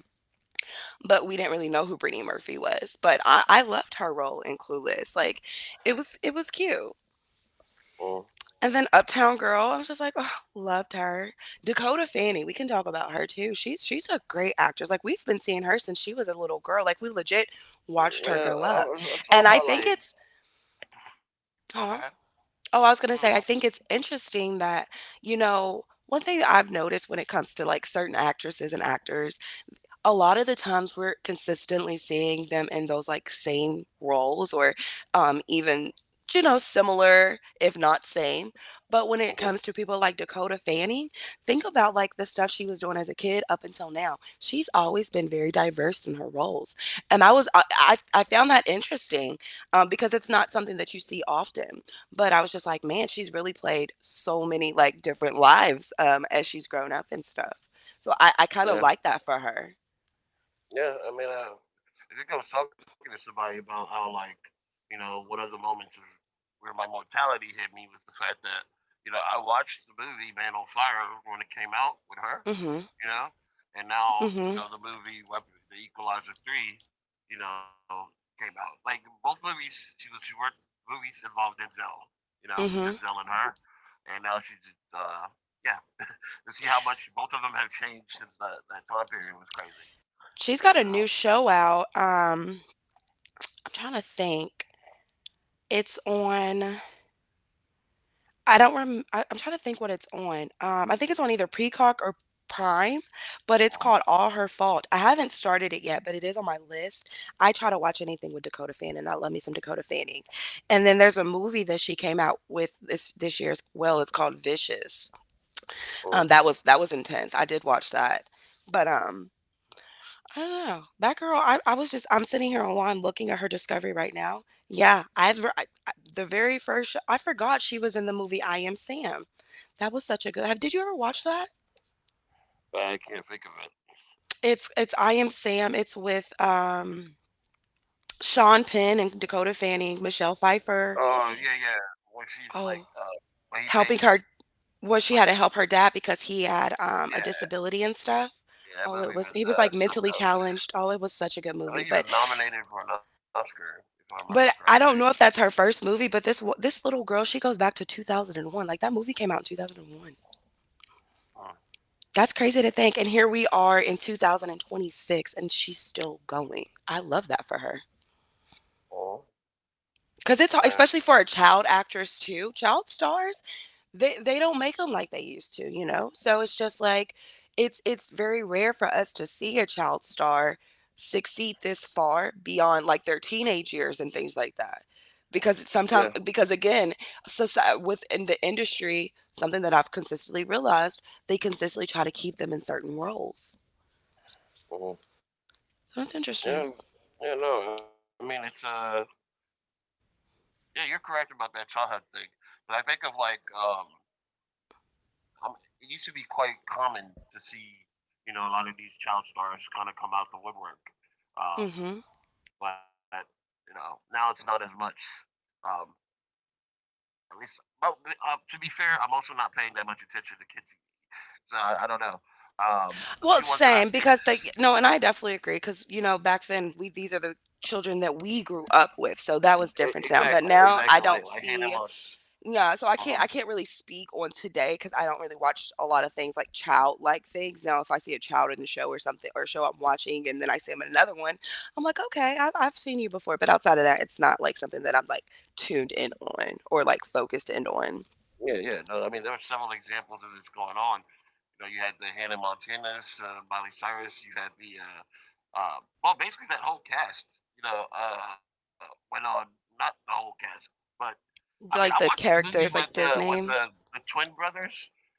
Speaker 2: but we didn't really know who Brittany Murphy was. But I loved her role in Clueless. Like it was cute. And then Uptown Girl, I was just like, oh, loved her. Dakota Fanning, we can talk about her too. She's a great actress. Like we've been seeing her since she was a little girl. Like we legit
Speaker 1: Man,
Speaker 2: watched her grow
Speaker 1: it's
Speaker 2: up.
Speaker 1: all about
Speaker 2: And I
Speaker 1: like,
Speaker 2: think it's
Speaker 1: oh, go ahead.
Speaker 2: huh? Oh, I was
Speaker 1: Oh my
Speaker 2: gonna
Speaker 1: God.
Speaker 2: say, I think it's interesting that, you know, one thing that I've noticed when it comes to like certain actresses and actors, a lot of the times we're consistently seeing them in those like same roles, or even you know, similar if not same. But when it
Speaker 1: Mhm.
Speaker 2: comes to people like Dakota Fanning, think about like the stuff she was doing as a kid up until now. She's always been very diverse in her roles. And i was i, I I found that interesting, because it's not something that you see often. But I was just like, man, she's really played so many like different lives, as she's grown up and stuff. So I
Speaker 1: Yeah,
Speaker 2: kind of like that for her.
Speaker 1: yeah. I mean, I think I was talking to somebody about how, like, you know, one of the moments of where my mortality hit me was the fact that, you know, I watched the movie Man on Fire when it came out with her,
Speaker 2: Mhm,
Speaker 1: you know, and now, you
Speaker 2: mhm,
Speaker 1: know, the movie Weapon, The Equalizer 3, you know, came out. Like, both movies, she worked, movies involved Denzel, you know, Denzel
Speaker 2: mhm.
Speaker 1: and her, and now just, yeah, to see how much both of them have changed since that time period was crazy.
Speaker 2: She's got a
Speaker 1: You
Speaker 2: new
Speaker 1: know,
Speaker 2: show out. I'm trying to think. It's on, I don't rem I I'm trying to think what it's on. I think it's on either Peacock or Prime, but it's
Speaker 1: oh,
Speaker 2: called All Her Fault. I haven't started it yet, but it is on my list. I try to watch anything with Dakota Fanning. I love me some Dakota Fanning. And then there's a movie that she came out with this year as well. It's called Vicious.
Speaker 1: oh,
Speaker 2: That was that was intense. I did watch that. But I don't know. That girl, I was just, I'm sitting here online looking at her discovery right now. Yeah, the very first, I forgot she was in the movie I Am Sam. That was such a good, have, did you ever watch that?
Speaker 1: I can't think of it.
Speaker 2: It's I Am Sam. It's with, Sean Penn and Dakota Fanning, Michelle Pfeiffer.
Speaker 1: Oh yeah, yeah. When she's like,
Speaker 2: Oh,
Speaker 1: when he
Speaker 2: helping
Speaker 1: pays,
Speaker 2: her, well,
Speaker 1: he
Speaker 2: she had to
Speaker 1: plays.
Speaker 2: help her dad because he had, a
Speaker 1: Yeah,
Speaker 2: disability and stuff.
Speaker 1: yeah. That
Speaker 2: Oh,
Speaker 1: movie was
Speaker 2: he was like
Speaker 1: something
Speaker 2: mentally
Speaker 1: else.
Speaker 2: challenged. Oh, it was such a good
Speaker 1: I
Speaker 2: movie.
Speaker 1: think he was
Speaker 2: But
Speaker 1: nominated for an Oscar, if I remember
Speaker 2: But
Speaker 1: correctly.
Speaker 2: I don't know if that's her first movie, but this little girl, she goes back to 2001. Like that movie came out in 2001.
Speaker 1: Mm.
Speaker 2: That's crazy to think. And here we are in 2026 and she's still going. I love that for her.
Speaker 1: Oh,
Speaker 2: Because it's
Speaker 1: yeah,
Speaker 2: hard, especially for a child actress too. Child stars, they don't make them like they used to, you know. So it's just like it's very rare for us to see a child star succeed this far beyond like their teenage years and things like that. Because it's
Speaker 1: yeah,
Speaker 2: sometimes because again, society within the industry, something that I've consistently realized, they consistently try to keep them in certain roles.
Speaker 1: mhm,
Speaker 2: So that's interesting.
Speaker 1: yeah, yeah. No, I mean it's yeah. You're correct about that Sawhut thing, but I think of like I'm, it used to be quite common to see, you know, a lot of these child stars kind of come out the woodwork. Um,
Speaker 2: Hmm.
Speaker 1: but you know, now it's not as much. Um, at least, well, to be fair, I'm also not paying that much attention to kids. So I don't know. The few
Speaker 2: Well,
Speaker 1: ones that I've
Speaker 2: same,
Speaker 1: seen,
Speaker 2: because they no, and I definitely agree because, you know, back then, we these are the children that we grew up with, so that
Speaker 1: e-
Speaker 2: was different
Speaker 1: exactly,
Speaker 2: now. But
Speaker 1: exactly,
Speaker 2: now I
Speaker 1: like
Speaker 2: don't
Speaker 1: Hannah
Speaker 2: see,
Speaker 1: Montana.
Speaker 2: yeah.
Speaker 1: Uh
Speaker 2: So
Speaker 1: huh.
Speaker 2: I can't really speak on today because I don't really watch a lot of things like child like things. Now, if I see a child in the show or something, or a show I'm watching, and then I see him in another one, I'm like, okay, I've seen you before. But outside of that, it's not like something that I'm like tuned in on or like focused in on,
Speaker 1: Yeah, yeah. No, I mean there are several examples of this going on. You know, you had the Hannah Montanas, Miley Cyrus. You had the uh, well, basically that whole cast. You know, went on, not the whole cast, but I mean, I watched
Speaker 2: like
Speaker 1: the
Speaker 2: the
Speaker 1: movie with
Speaker 2: characters like Disney.
Speaker 1: the twin brothers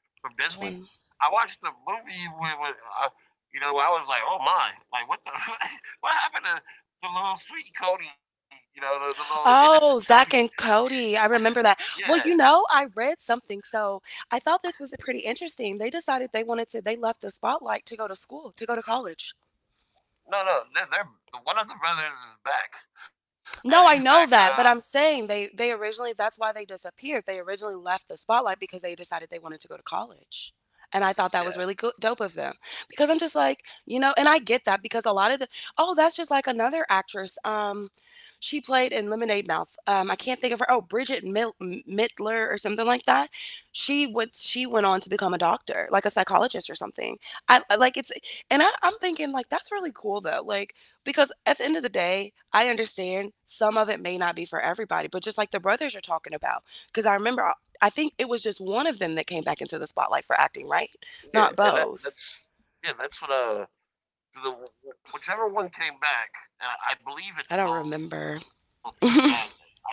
Speaker 1: from
Speaker 2: Which
Speaker 1: Disney.
Speaker 2: one?
Speaker 1: I watched the movie with, uh, you know, I was like, oh my, like what the what happened to the little sweet Cody? You know, the little innocent
Speaker 2: Oh,
Speaker 1: Cody.
Speaker 2: Zach and Cody. I remember that.
Speaker 1: Yeah,
Speaker 2: Well, you know, I read something, so I thought this was pretty interesting. They decided they wanted to, they left the spotlight to go to school, to go to college.
Speaker 1: no, no, they're the one of the brothers is back, and he's
Speaker 2: No,
Speaker 1: back.
Speaker 2: I know that, but I'm saying they originally, that's why they disappeared. They originally left the spotlight because they decided they wanted to go to college. And I thought that was
Speaker 1: Yeah,
Speaker 2: really dope of them because I'm just like, you know, and I get that because a lot of the oh, that's just like another actress. She played in Lemonade Mouth. I can't think of her. Oh, Bridget Mittler or something like that. She went on to become a doctor, like a psychologist or something. I I- like it's, I'm thinking like that's really cool though. Like because at the end of the day, I understand some of it may not be for everybody, but just like the brothers you're talking about, because I remember, I think it was just one of them that came back into the spotlight for acting, right?
Speaker 1: Yeah,
Speaker 2: Not
Speaker 1: and that
Speaker 2: both.
Speaker 1: that's yeah, that's what, the whichever one came back, and I believe it's
Speaker 2: I don't
Speaker 1: both to be honest.
Speaker 2: remember.
Speaker 1: I think it's both,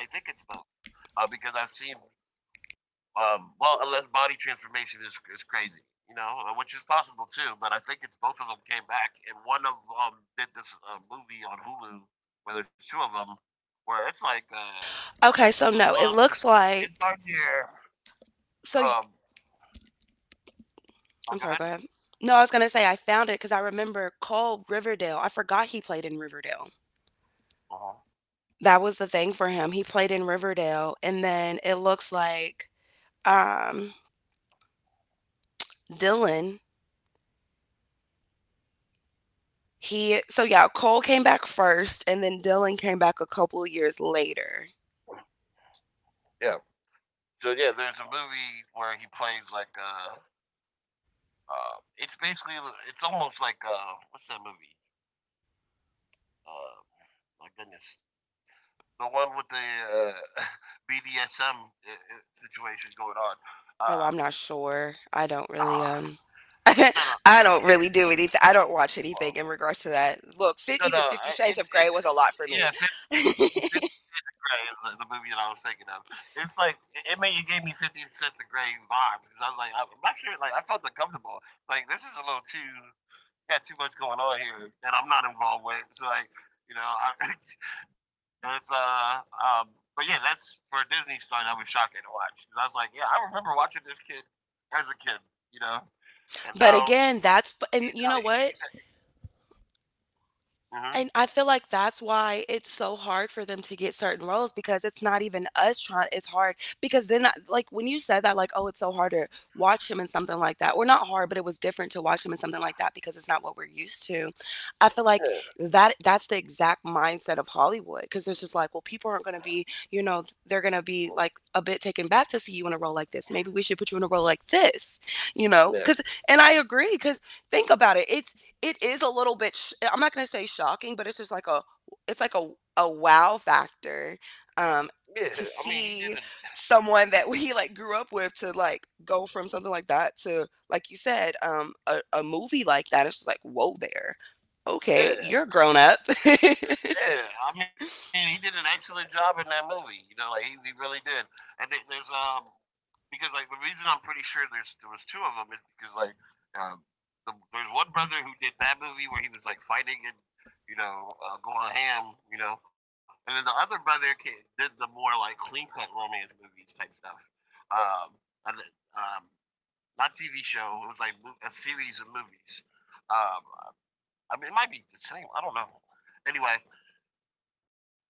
Speaker 1: because I've seen, well, unless body transformation is crazy, you know, which is possible too, but I think it's both of them came back, and one of did this, movie on Hulu where there's 2 of them where it's like,
Speaker 2: Okay,
Speaker 1: it's
Speaker 2: so no,
Speaker 1: on
Speaker 2: it looks
Speaker 1: it's on
Speaker 2: like.
Speaker 1: your,
Speaker 2: So y-
Speaker 1: um
Speaker 2: I'm
Speaker 1: oh, go
Speaker 2: sorry, go
Speaker 1: ahead?
Speaker 2: ahead. No, I was going to say I found it because I remember Cole Riverdale. I forgot he played in Riverdale.
Speaker 1: Uh-huh.
Speaker 2: That was the thing for him. He played in Riverdale. And then it looks like um, Dylan. He so yeah, Cole came back first and then Dylan came back a couple of years later.
Speaker 1: Yeah. So, yeah, there's a movie where he plays like, a It's basically, it's almost like what's that movie? Uh, my goodness, the one with the uh, BDSM situation going on.
Speaker 2: Oh, I'm not
Speaker 1: Um,
Speaker 2: sure. I don't really
Speaker 1: ah,
Speaker 2: I
Speaker 1: no, no,
Speaker 2: don't really do
Speaker 1: eh,
Speaker 2: anything. I don't watch anything in
Speaker 1: well,
Speaker 2: regards to that. Look, fit, even
Speaker 1: no,
Speaker 2: 50
Speaker 1: no.
Speaker 2: Shades of Grey was a lot
Speaker 1: It's
Speaker 2: for me.
Speaker 1: yeah, 50, 50 Gray is the movie that I was thinking of. It's like it gave me 50 Shades of Gray vibe because I was like, I'm not sure. Like I felt uncomfortable. Like this is a little too Got too much going on here that I'm not involved with. It's like, you know, it's but yeah, that's for a Disney stunt. I was shocking to watch 'cause I was like, yeah, I remember watching this kid as a kid, you know, and
Speaker 2: But
Speaker 1: now
Speaker 2: again, that's and you know
Speaker 1: he's out.
Speaker 2: what? And I feel
Speaker 1: Mhm.
Speaker 2: like that's why it's so hard for them to get certain roles because it's not even us trying. It's hard because then, I- like when you said that, like, oh, it's so hard to watch him in something like that. We not hard, but it was different to watch him in something like that because it's not what we're used to. I feel like
Speaker 1: Yeah,
Speaker 2: that's the exact mindset of Hollywood because it's just like, well, people aren't going to be, you know, they're going to be like a bit taken back to see you in a role like this. Maybe we should put you in a role like this, you know? Because
Speaker 1: yeah,
Speaker 2: and I agree because think about it. It's it is a little bit I'm not going to say shocking but it's just like a it's like a wow factor um
Speaker 1: yeah.
Speaker 2: to
Speaker 1: I mean, he
Speaker 2: see
Speaker 1: didn't.
Speaker 2: someone that we like grew up with to like go from something like that to like you said a movie like that it's just like whoa there okay you're
Speaker 1: Yeah,
Speaker 2: grown up
Speaker 1: yeah, I mean, he did an excellent job in that movie. You know, like he really did. And there's because like the reason I'm pretty sure there was 2 of them is because like um the, there's one brother who did that movie where he was like fighting and you know going ham, you know, and then the other brother did the more like clean cut romance movies type stuff. Um, and then, um, not TV show. It was like a series of movies. Um, I mean, it might be the same. I don't know. Anyway,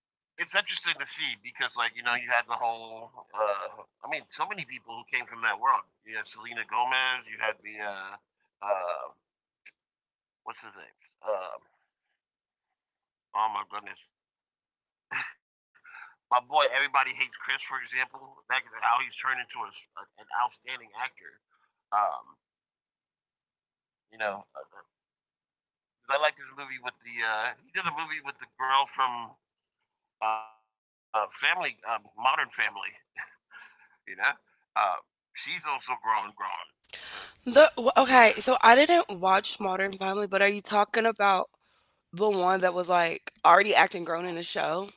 Speaker 1: it's interesting to see because, like, you know, you had the whole. So many people who came from that world. You had Selena Gomez. You had the uh, what's his name? Oh my goodness, my boy. Everybody Hates Chris, for example. That is how he's turned into an outstanding actor. Um, you know, uh, uh, I like his movie with the. He did a movie with the girl from Family, Modern Family. You know, uh, she's also grown. Uh,
Speaker 2: Okay, so I didn't watch Modern Family, but are you talking about the one that was like already acting grown in the show?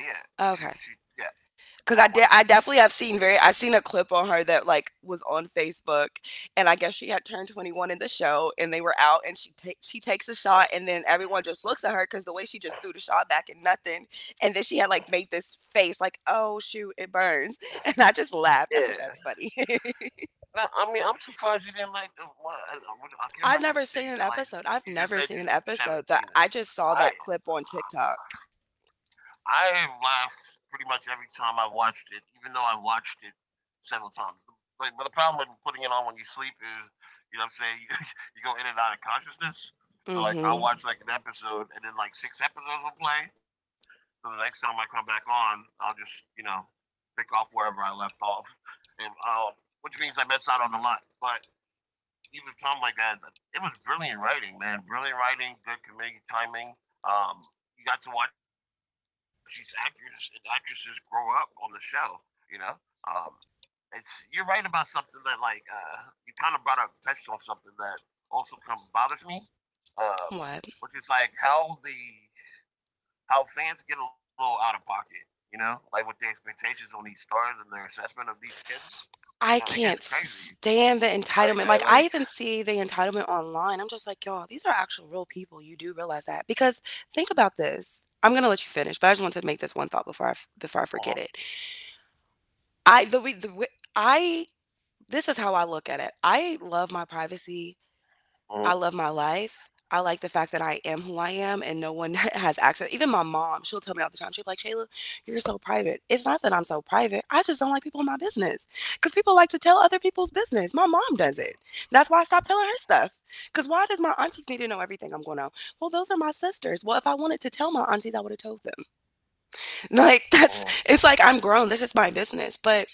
Speaker 1: Yeah, yeah.
Speaker 2: Okay.
Speaker 1: She yeah,
Speaker 2: Cause
Speaker 1: that
Speaker 2: I
Speaker 1: one.
Speaker 2: definitely have seen very. I seen a clip on her that like was on Facebook, and I guess she had turned 21 in the show, and they were out, and she takes a shot, and then everyone just looks at her because the way she just threw the shot back and nothing, and then she had like made this face like, oh shoot, it burns, and I just laughed. I said that's
Speaker 1: Yeah.
Speaker 2: funny.
Speaker 1: No, I mean, I'm surprised you didn't like the one. I,
Speaker 2: I've
Speaker 1: I
Speaker 2: never
Speaker 1: can't
Speaker 2: seen
Speaker 1: remember
Speaker 2: an
Speaker 1: if you said you
Speaker 2: episode.
Speaker 1: didn't like
Speaker 2: I've
Speaker 1: it.
Speaker 2: never seen
Speaker 1: You
Speaker 2: an
Speaker 1: just said you
Speaker 2: episode that
Speaker 1: just
Speaker 2: I
Speaker 1: haven't
Speaker 2: just
Speaker 1: seen it.
Speaker 2: saw that clip
Speaker 1: I
Speaker 2: on TikTok.
Speaker 1: I laugh pretty much every time I've watched it, even though I've watched it several times. But the problem with putting it on when you sleep is, you know what I'm saying, you go in and out of consciousness. So, like,
Speaker 2: Mm-hmm.
Speaker 1: I'll watch, like, an episode, and then, like, six episodes will play. So the next time I come back on, I'll just, you know, pick off wherever I left off. And, uh, which means I miss out on a lot. But even something like that. It was brilliant writing, man. Brilliant writing, good comedic timing. Um, you got to watch these actors and actresses grow up on the show. You know, um, it's you're right about something that like you kind of brought up, touched on something that also kind of bothers me, um,
Speaker 2: What?
Speaker 1: which is like how the how fans get a little out of pocket. You know, like with the expectations on these stars and their assessment of these kids. You know, it
Speaker 2: I
Speaker 1: gets
Speaker 2: can't
Speaker 1: crazy.
Speaker 2: stand the
Speaker 1: Like I
Speaker 2: entitlement, like,
Speaker 1: like.
Speaker 2: I even see the entitlement online, I'm just like, "Y'all, these are actual real people, you do realize that?" Because think about this I'm gonna let you finish, but I just want to make this one thought
Speaker 1: Uh huh.
Speaker 2: before I forget it. I the we the way I This is how I look at it. I love my privacy.
Speaker 1: Uh
Speaker 2: I
Speaker 1: huh.
Speaker 2: love my life. I like the fact that I am who I am and no one has access. Even my mom, she'll tell me all the time, she'll be like, Shayla, you're so private. It's not that I'm so private. I just don't like people in my business because people like to tell other people's business. My mom does it. That's why I stopped telling her stuff. Because why does my aunties need to know everything I'm going on? Well, those are my sisters. Well, if I wanted to tell my aunties, I would have told them. Like,
Speaker 1: Uh-huh.
Speaker 2: that's, it's like I'm grown. This is my business. But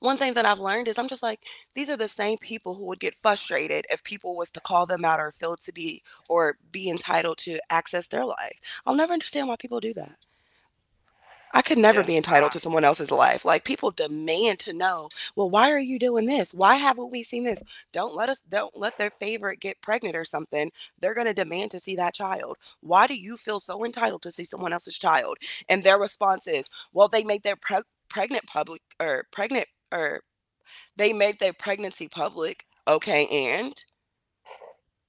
Speaker 2: one thing that I've learned is I'm just like these are the same people who would get frustrated if people was to call them out or feel to be or be entitled to access their life. I'll never understand why people do that. I could
Speaker 1: Yeah.
Speaker 2: never be
Speaker 1: Nah.
Speaker 2: entitled to someone else's life. Like people demand to know, well, why are you doing this? Why haven't we seen this? Don't let their favorite get pregnant or something. They're going to demand to see that child. Why do you feel so entitled to see someone else's child? And their response is, well, they make their pre- pregnant public or pregnant or they made their pregnancy public. Okay, and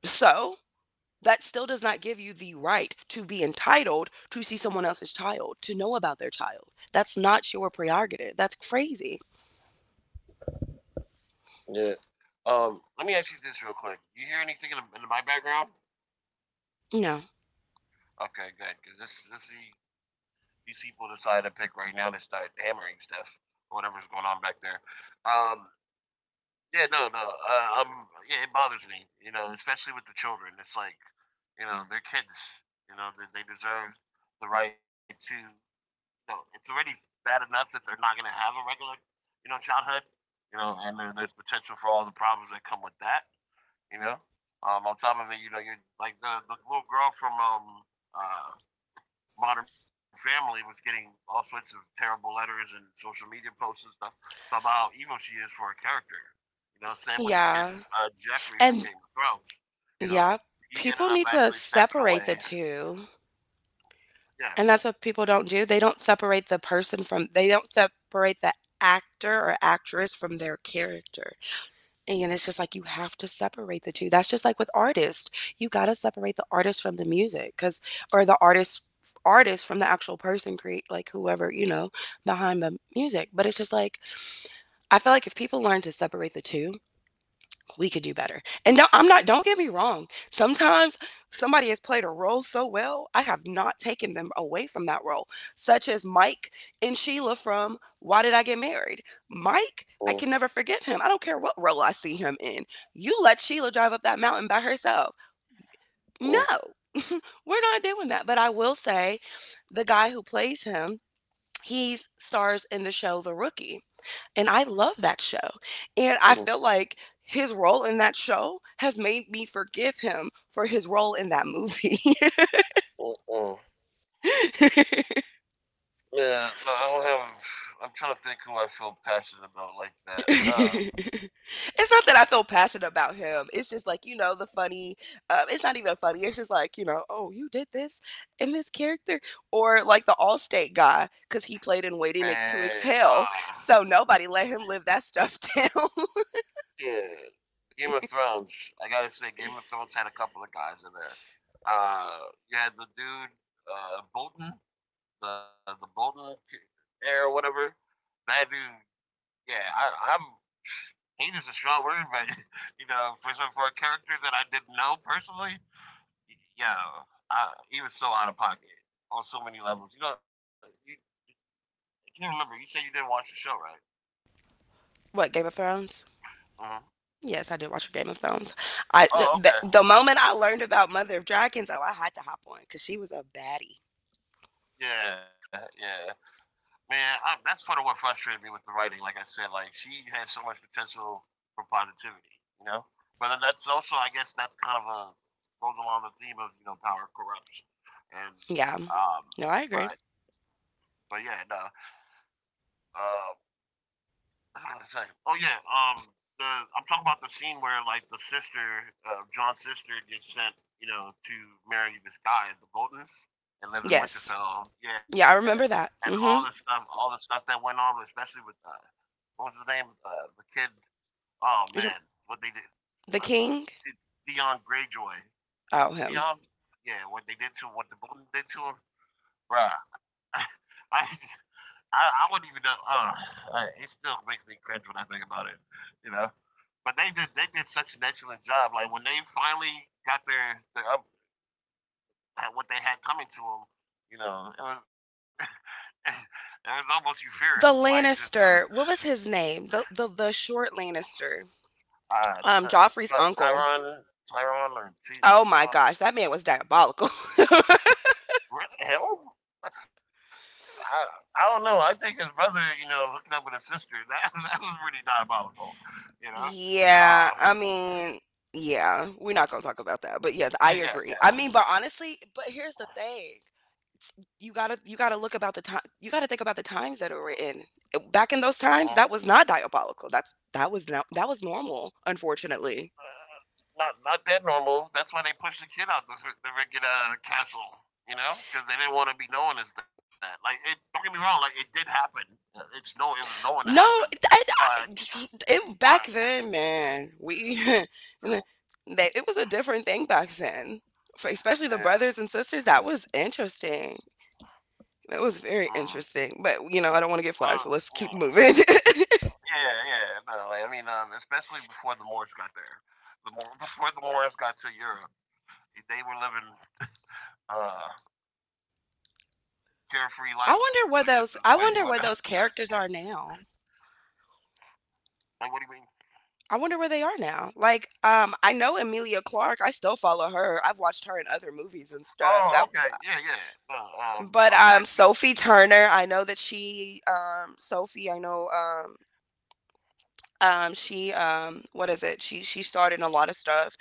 Speaker 2: so that still does not give you the right to be entitled to see someone else's child, to know about their child. That's not your prerogative. That's crazy.
Speaker 1: Yeah. Um, let me ask you this real quick. You hear anything in my background?
Speaker 2: No.
Speaker 1: Okay, good. Because these people decided to pick right now to start hammering stuff or whatever's going on back there. Um. Yeah. No. No. Yeah. It bothers me. You know, especially with the children. It's like, you know, they're kids. You know, they deserve the right to. You know, it's already bad enough that they're not going to have a regular, you know, childhood. You know, and there's potential for all the problems that come with that. You know, on top of it, you know, you're like the little girl from uh, Modern Family was getting all sorts of terrible letters and social media posts and stuff about how evil she is for her character. You know, same with the kid
Speaker 2: Yeah.
Speaker 1: Jeffrey
Speaker 2: And
Speaker 1: from Game of Thrones. You
Speaker 2: yeah,
Speaker 1: know,
Speaker 2: people
Speaker 1: he
Speaker 2: need
Speaker 1: ended
Speaker 2: to
Speaker 1: up actually
Speaker 2: separate
Speaker 1: stepping
Speaker 2: the
Speaker 1: away.
Speaker 2: two. And that's
Speaker 1: Yeah.
Speaker 2: what people don't do. They don't separate the person from, they don't separate the actor or actress from their character. And it's just like you have to separate the two. That's just like with artists. You got to separate the artist from the music cuz or the artist artist from the actual person create like whoever, you know, behind the music. But it's just like I feel like if people learn to separate the two, we could do better. And no, I'm not, don't get me wrong. Sometimes somebody has played a role so well, I have not taken them away from that role, such as Mike and Sheila from Why Did I Get Married? Mike, I can
Speaker 1: Mm,
Speaker 2: never forgive him. I don't care what role I see him in. You let Sheila drive up that mountain by herself. No,
Speaker 1: mm,
Speaker 2: we're not doing that. But I will say the guy who plays him, he stars in the show The Rookie. And I love that show. And I feel
Speaker 1: mm,
Speaker 2: like his role in that show has made me forgive him for his role in that movie.
Speaker 1: mm, mm. Yeah, no, I don't have. I'm trying to think who I feel passionate about like that.
Speaker 2: It's not that I feel passionate about him. It's just like, you know, the funny, it's not even funny. It's just like, you know, oh, you did this in this character. Or like the Allstate guy, because he played in Waiting to
Speaker 1: Man,
Speaker 2: Exhale.
Speaker 1: ah, Uh,
Speaker 2: So nobody let him live that stuff down.
Speaker 1: Yeah, Game of Thrones. I gotta say, Game of Thrones had a couple of guys in there. You had the dude Bolton, the Bolton heir or whatever. That dude, yeah, I'm. Hate is a strong word, but you know, for a character that I didn't know personally, yeah, I, he was so out of pocket on so many levels. You know, you, I can't remember. You said you didn't watch the show, right?
Speaker 2: What, Game of Thrones?
Speaker 1: Mm-hmm.
Speaker 2: Yes, I did watch Game of Thrones. I
Speaker 1: Oh,
Speaker 2: the,
Speaker 1: okay.
Speaker 2: the moment I learned about Mother of Dragons, oh, I had to hop on because she was a baddie.
Speaker 1: Yeah, yeah. Man, I, that's part of what frustrated me with the writing. Like I said, like she has so much potential for positivity, you know. But that's also, I guess, that's kind of a goes along the theme of you know power corrupts, and
Speaker 2: Yeah.
Speaker 1: um,
Speaker 2: No, I agree.
Speaker 1: but but yeah, no, uh, what was I gonna say? Oh yeah, the I'm talking about the scene where like the sister, John's sister, gets sent, you know, to marry this guy, at the Boltons, and live in
Speaker 2: Yes.
Speaker 1: Winterfell. Yeah,
Speaker 2: Yeah, I remember
Speaker 1: and
Speaker 2: that. Mm-hmm.
Speaker 1: all the stuff that went on, especially with what was his name? The kid. Oh
Speaker 2: You're
Speaker 1: man,
Speaker 2: talk-
Speaker 1: what they did?
Speaker 2: the
Speaker 1: Uh,
Speaker 2: king.
Speaker 1: Dion Greyjoy.
Speaker 2: Oh, him.
Speaker 1: Dion. Yeah, what they did to him, what the Bolton did to him, bruh. I, I, I wouldn't even know. I, it still makes me cringe when I think about it. You know. But they did. They did such an excellent job. Like when they finally got their up, what they had coming to them. You know, it was it was almost euphoric.
Speaker 2: The
Speaker 1: Like to to
Speaker 2: Lannister. What was his name? The short Lannister.
Speaker 1: uh to
Speaker 2: Joffrey's uncle.
Speaker 1: Tyron or
Speaker 2: Oh my gosh, that
Speaker 1: Tion.
Speaker 2: man was diabolical.
Speaker 1: What the hell? I don't know. I think his brother, you know, hooking up with his sister, that was pretty diabolical, you know?
Speaker 2: Yeah,
Speaker 1: Uh,
Speaker 2: I mean, yeah, we're not gonna talk about that, but yeah, I agree. I
Speaker 1: yeah,
Speaker 2: mean, but
Speaker 1: yeah.
Speaker 2: honestly, but here's the thing. You gotta look about the time. You gotta think about the times that we're in. Back in those times,
Speaker 1: Uh-huh.
Speaker 2: that was not diabolical. That was no, that was normal. Unfortunately,
Speaker 1: Uh, not that normal. That's why they pushed the kid out the freaking castle, you know? Because they didn't want to be known as that. Like, it, don't get me wrong, like, it did happen. It's no, it was known to
Speaker 2: no.
Speaker 1: happen.
Speaker 2: It,
Speaker 1: But,
Speaker 2: I- it- Back
Speaker 1: but,
Speaker 2: then, man, we and then
Speaker 1: uh,
Speaker 2: they, it was a different thing back then. For especially the
Speaker 1: yeah.
Speaker 2: brothers and sisters, that was interesting. That was very
Speaker 1: Mm.
Speaker 2: interesting. But you know, I don't want to get
Speaker 1: Well,
Speaker 2: flagged, so let's
Speaker 1: yeah.
Speaker 2: keep moving.
Speaker 1: Yeah, yeah. No, I mean, especially before the Moors got there, the Moor, before the Moors got to Europe, they were living uh carefree lives. I guess is the way
Speaker 2: I
Speaker 1: you want to.
Speaker 2: wonder what those characters are now.
Speaker 1: Like, what do you mean?
Speaker 2: I wonder where they are now. Like, I know Emilia Clarke. I still follow her. I've watched her in other movies and stuff.
Speaker 1: Oh,
Speaker 2: That,
Speaker 1: okay. Yeah, yeah. No,
Speaker 2: but
Speaker 1: those actors.
Speaker 2: Sophie Turner. I know that she, Sophie. I know, she, what is it? She starred in a lot of stuff.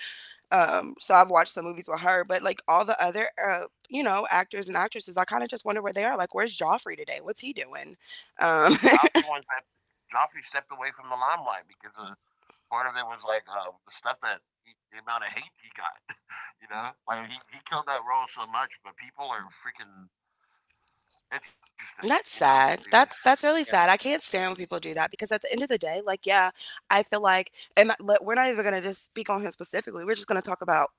Speaker 1: Uh,
Speaker 2: So I've watched some movies with her. But like all the other, you know, actors and actresses, I kind of just wonder where they are. Like, where's Joffrey today? What's he doing? Um,
Speaker 1: Joffrey one that Joffrey stepped away from the limelight because part of it was like the amount of hate he got. You know, like he killed that role so much, but people are freaking interesting. You
Speaker 2: That's
Speaker 1: know,
Speaker 2: sad. That's
Speaker 1: yeah.
Speaker 2: really sad. I can't stand when people do that because at the end of the day, like, yeah, I feel like, and we're not even gonna just speak on him specifically. We're just gonna talk about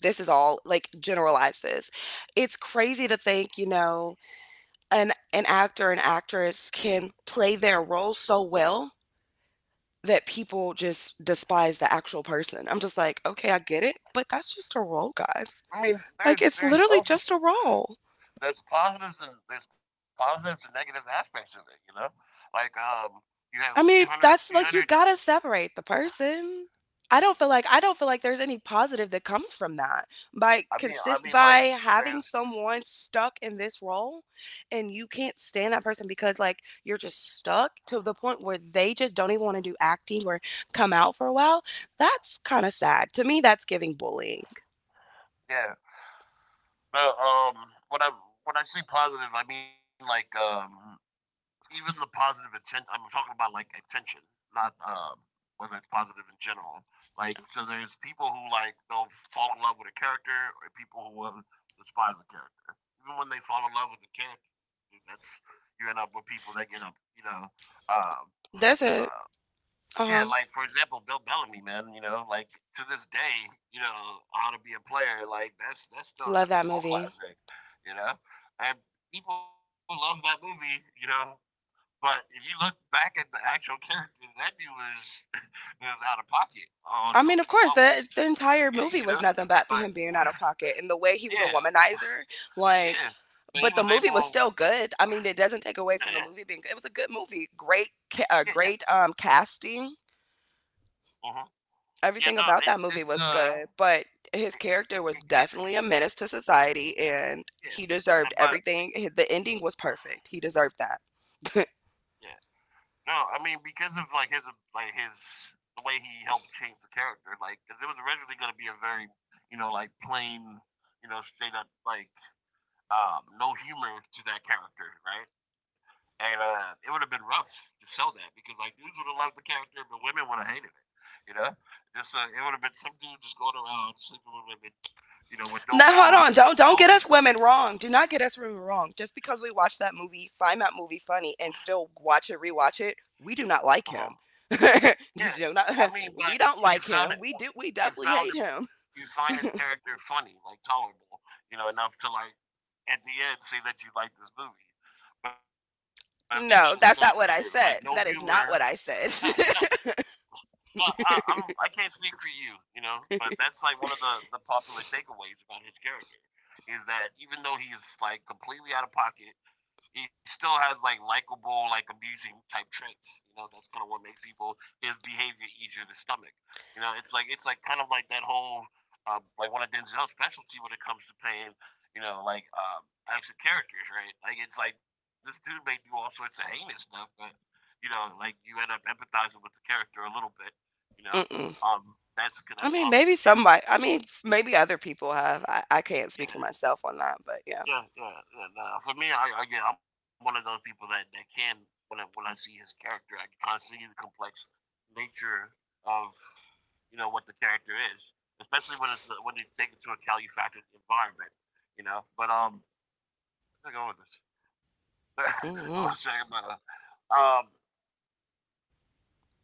Speaker 2: this is all like generalize this. It's crazy to think, you know, an actor and actress can play their role so well that people just despise the actual person. I'm just like, okay, I get it, but that's just a role, guys.
Speaker 1: I mean, there's
Speaker 2: Like, it's
Speaker 1: there's
Speaker 2: literally
Speaker 1: also
Speaker 2: just a role.
Speaker 1: there's positives and negative aspects of it, you know? Like you have three
Speaker 2: I
Speaker 1: hundred,
Speaker 2: mean,
Speaker 1: three
Speaker 2: that's
Speaker 1: hundred.
Speaker 2: like you gotta separate the person. I don't feel like there's any positive that comes from that. By
Speaker 1: I mean I
Speaker 2: consist
Speaker 1: mean like
Speaker 2: by having
Speaker 1: there's
Speaker 2: someone stuck in this role and you can't stand that person because like you're just stuck to the point where they just don't even want to do acting or come out for a while. That's kind of sad. To me, that's giving bullying.
Speaker 1: yeah. No, when I when I say positive I mean like even the positive intent I'm talking about like attention, not whether it's positive in general. Like so there's people who like they'll fall in love with a character or people who will despise a character. Even when they fall in love with the character, that's you end up with people that get up, you know, uh
Speaker 2: There's
Speaker 1: Uh,
Speaker 2: a
Speaker 1: yeah, like
Speaker 2: um
Speaker 1: for example, Bill Bellamy, man. You know, like to this day, you know, how to be a player. Like that's still
Speaker 2: Love
Speaker 1: that's
Speaker 2: that
Speaker 1: a cult
Speaker 2: movie.
Speaker 1: classic. You know, and people love that movie. You know, but if you look back at the actual character, that dude was was out of pocket on so
Speaker 2: I
Speaker 1: many
Speaker 2: mean, of course,
Speaker 1: levels.
Speaker 2: the entire
Speaker 1: You know,
Speaker 2: movie was nothing but
Speaker 1: but
Speaker 2: him being out of pocket and the way he was a
Speaker 1: yeah,
Speaker 2: womanizer, like
Speaker 1: yeah. But he
Speaker 2: but the
Speaker 1: was
Speaker 2: movie was
Speaker 1: able.
Speaker 2: still good. I mean, it doesn't
Speaker 1: Yeah,
Speaker 2: take away from the movie being good. It was a good movie. Great
Speaker 1: yeah,
Speaker 2: ca-
Speaker 1: yeah.
Speaker 2: uh, great um casting.
Speaker 1: Uh-huh. Yeah, no,
Speaker 2: Everything about that movie was good, but his
Speaker 1: it,
Speaker 2: character was
Speaker 1: it's
Speaker 2: definitely a menace to society and
Speaker 1: yeah.
Speaker 2: he deserved
Speaker 1: And But
Speaker 2: everything. The ending was perfect. He deserved that.
Speaker 1: yeah. No, I mean because of like his the way he helped change the character, like because it was originally going to be a very you know like plain you know straight up like no humor to that character, right? And it would have been rough to sell that because like dudes would have loved the character, but women would have hated it, you know. Just it would have been some dude just going around sleeping with women, you know,
Speaker 2: Now
Speaker 1: with no
Speaker 2: hold on, don't
Speaker 1: morals,
Speaker 2: don't get
Speaker 1: but
Speaker 2: us
Speaker 1: no.
Speaker 2: women wrong. Do not get us women wrong. Just because we watch that movie, find that movie funny, and still watch it, rewatch it, we do not like him.
Speaker 1: Uh-huh. Yeah,
Speaker 2: Do not,
Speaker 1: I mean,
Speaker 2: we
Speaker 1: but
Speaker 2: don't like
Speaker 1: you
Speaker 2: him.
Speaker 1: found
Speaker 2: We
Speaker 1: it
Speaker 2: do. We definitely
Speaker 1: you
Speaker 2: hate
Speaker 1: found him
Speaker 2: him.
Speaker 1: you find his character funny, like tolerable, you know, enough to like at the end say that you like this movie. But if they made his
Speaker 2: No,
Speaker 1: character
Speaker 2: that's not
Speaker 1: like
Speaker 2: what
Speaker 1: no
Speaker 2: I said.
Speaker 1: humor,
Speaker 2: That is not what I
Speaker 1: yeah,
Speaker 2: said.
Speaker 1: yeah. No, I'm I can't speak for you, you know, but that's like one of the popular takeaways about his character is that even though he's like completely out of pocket, he still has like likable, like amusing type traits. You know, that's kind of what makes people his behavior easier to stomach. You know, it's like kind of like that whole like one of Denzel's specialty when it comes to playing. You know, like action characters, right? Like it's like this dude may do all sorts of heinous stuff, but you know, like you end up empathizing with the character a little bit. You know,
Speaker 2: Mm-mm.
Speaker 1: that's
Speaker 2: I
Speaker 1: kind of
Speaker 2: mean,
Speaker 1: his
Speaker 2: maybe
Speaker 1: appeal.
Speaker 2: somebody. I mean, maybe other people have. I can't speak for
Speaker 1: Yeah,
Speaker 2: myself on that, but yeah.
Speaker 1: yeah, yeah, yeah. Nah, for me, I yeah, I'm one of those people that, that can when I see his character, I can constantly see the complex nature of you know what the character is, especially when it's when you take into account you factor the environment, you know. But where's I going with this? I'm not saying,
Speaker 2: Mm-mm.
Speaker 1: about um,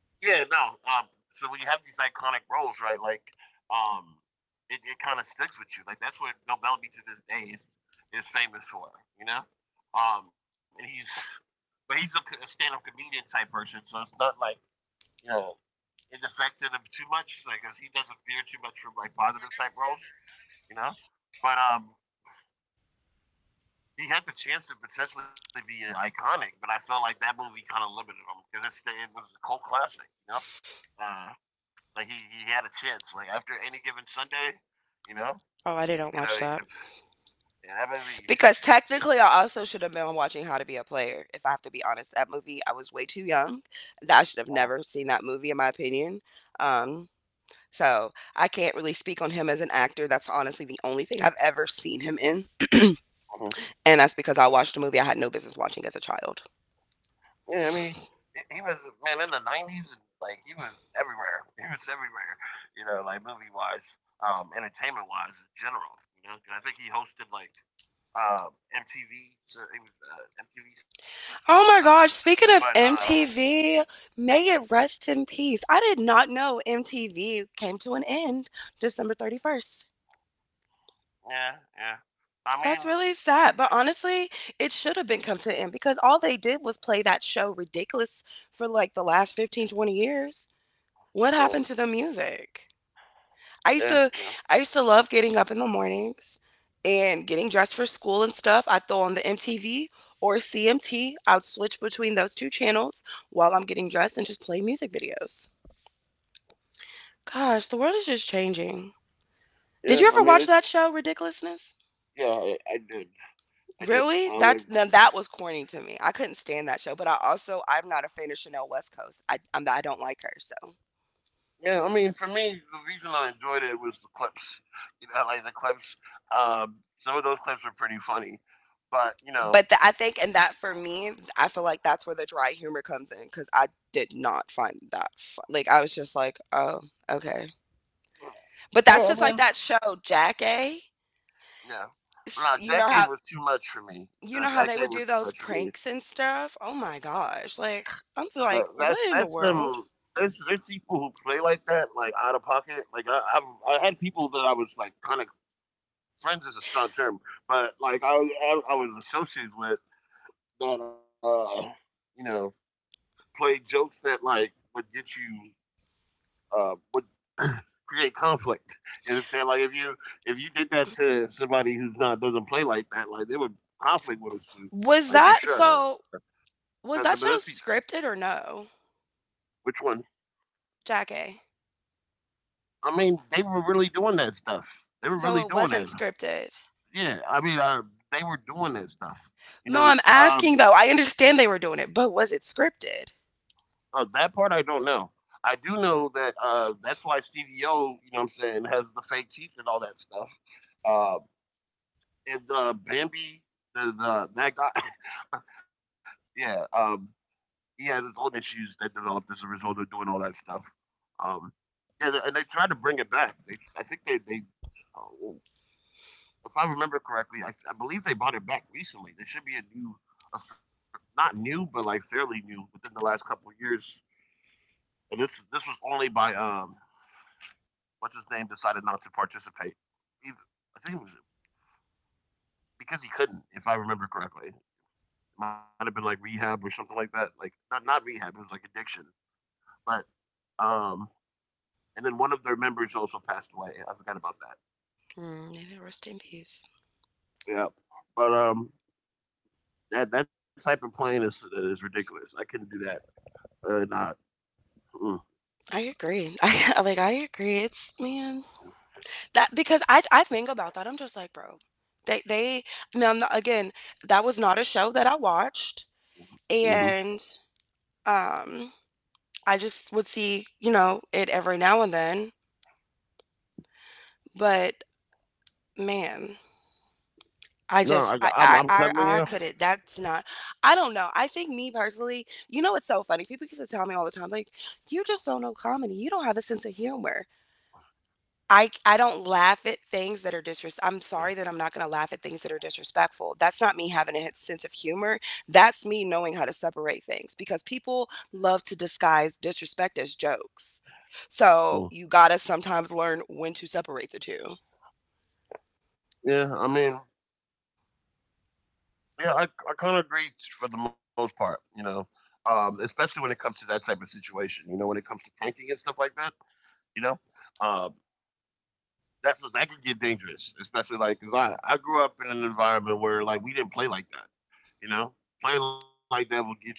Speaker 1: yeah, no. So when you have these iconic roles, right? Like, um, it, it kind of sticks with you. Like that's what Bill Bellamy to this day is famous for. You know, and he's but he's a stand up comedian type person, so it's not like you know it affected him too much. Like, cause he doesn't veer too much from like positive type roles. You know, but He had the chance to potentially be iconic, but I felt like that movie kind of limited him because it was a cult classic. Uh, Like he had a chance. Like after any given Sunday, you know,
Speaker 2: Oh, I didn't
Speaker 1: he
Speaker 2: watch
Speaker 1: could
Speaker 2: that.
Speaker 1: have. He could have. And I maybe.
Speaker 2: Because technically, I also should have been watching How to Be a Player, if I have to be honest. That movie, I was way too young. That I should have
Speaker 1: Uh,
Speaker 2: never seen that movie, in my opinion. Um, so I can't really speak on him as an actor. That's honestly the only thing I've ever seen him in.
Speaker 1: mhm.
Speaker 2: And that's because I watched a movie I had no business watching as a child.
Speaker 1: yeah, I mean, he- was man in the 90s, and like he was everywhere. He was everywhere. You know, like movie wise, entertainment wise, in general. You know, I think he hosted MTV. So it was MTV something.
Speaker 2: Oh my
Speaker 1: But
Speaker 2: gosh, speaking of MTV, may it rest in peace. I did not know MTV came to an end December 31st.
Speaker 1: Yeah, yeah. I
Speaker 2: That's
Speaker 1: mean,
Speaker 2: really sad, but honestly, it should have been come to an end because all they did was play that show Ridiculous for like the last 15, 20 years. What
Speaker 1: uh,
Speaker 2: happened to the music? I used
Speaker 1: yeah,
Speaker 2: to
Speaker 1: yeah,
Speaker 2: I used to love getting up in the mornings and getting dressed for school and stuff. I'd throw on the MTV or CMT. I would switch between those two channels while I'm getting dressed and just play music videos. Gosh, the world is just changing. Did
Speaker 1: yeah.
Speaker 2: you
Speaker 1: I
Speaker 2: ever
Speaker 1: mean,
Speaker 2: watch
Speaker 1: it's
Speaker 2: that show, Ridiculousness?
Speaker 1: yeah. I did. I did.
Speaker 2: Really?
Speaker 1: I would.
Speaker 2: That's, now that was corny to me. I couldn't stand that show, but I'm not a fan of Chanel West Coast. I don't like her, so.
Speaker 1: Yeah, I mean, for me, the reason I enjoyed it was the clips. You know, like the clips. Some of those clips were pretty funny, but
Speaker 2: But the, I think and that for me, I feel like that's where the dry humor comes in cuz I did not find that fun. Like I was just like, "Oh, okay."
Speaker 1: yeah,
Speaker 2: But that's
Speaker 1: yeah, I
Speaker 2: just like
Speaker 1: mean,
Speaker 2: that show Jackie. A.
Speaker 1: yeah.
Speaker 2: S-
Speaker 1: No, that game was too much for me.
Speaker 2: You know
Speaker 1: Nah,
Speaker 2: how
Speaker 1: that
Speaker 2: they would
Speaker 1: game
Speaker 2: do
Speaker 1: was too
Speaker 2: those
Speaker 1: much for me.
Speaker 2: pranks and stuff? Oh my gosh. Like
Speaker 1: That,
Speaker 2: I'm
Speaker 1: that
Speaker 2: like,
Speaker 1: that's
Speaker 2: "What in the world?"
Speaker 1: there's people who play like that, like out of pocket. Like I had people that I was like kind of friends is a strong term, but like I was associated with that you know, play jokes that like would get you would create conflict. You understand? Like if you did that to somebody who's not doesn't play like that, like they would conflict with us too,
Speaker 2: Was
Speaker 1: like for
Speaker 2: that
Speaker 1: sure.
Speaker 2: so
Speaker 1: But let's
Speaker 2: was
Speaker 1: see,
Speaker 2: that show scripted or no?
Speaker 1: which one?
Speaker 2: Jackie?
Speaker 1: I mean, they were really doing that stuff. They were really
Speaker 2: So it
Speaker 1: doing
Speaker 2: wasn't
Speaker 1: it.
Speaker 2: scripted.
Speaker 1: Yeah, I mean, they were doing that stuff. You
Speaker 2: No,
Speaker 1: know,
Speaker 2: I'm
Speaker 1: it's, um,
Speaker 2: asking though. I understand they were doing it, but was it scripted?
Speaker 1: that part I don't know. I do know that that's why Stevie O, you know what I'm saying, has the fake teeth and all that stuff. Uh, and Bambi, the that guy, yeah, um, he has his own issues that developed as a result of doing all that stuff. Um, yeah, and they tried to bring it back. I think if I remember correctly, I believe they bought it back recently. There should be a new, f- not new, but like fairly new within the last couple of years. And this was only by what's his name decided not to participate. Either, I think it was because he couldn't, if I remember correctly. It might have been like rehab or something like that. Like not not rehab. It was like addiction. But um, and then one of their members also passed away. I forgot about that.
Speaker 2: Mm, may they rest in peace.
Speaker 1: Yeah, but That that type of playing is ridiculous. I couldn't do that. Not. Mm,
Speaker 2: I agree. I like. I agree. It's man that because I think about that. I'm just like, bro. They they again. That was not a show that I watched,
Speaker 1: hmm
Speaker 2: and um, I just would see you know it every now and then. But man, I
Speaker 1: No,
Speaker 2: just
Speaker 1: I'm telling
Speaker 2: I
Speaker 1: you.
Speaker 2: couldn't. That's not. I don't know. I think me personally, you know, it's so funny. People used to tell me all the time, like, you just don't know comedy. You don't have a sense of humor. I don't laugh at things that are disres. I'm sorry that I'm not going to laugh at things that are disrespectful. That's not me having a sense of humor. That's me knowing how to separate things because people love to disguise disrespect as jokes.
Speaker 1: Mm.
Speaker 2: So you gotta sometimes learn when to separate the 2.
Speaker 1: Yeah, I mean, yeah, I kind of agree for the most part. You know, especially when it comes to that type of situation. You know, when it comes to pranking and stuff like that. You know, um, that's that could get dangerous, especially like because I grew up in an environment where like we didn't play like that, you know. Playing like that will get you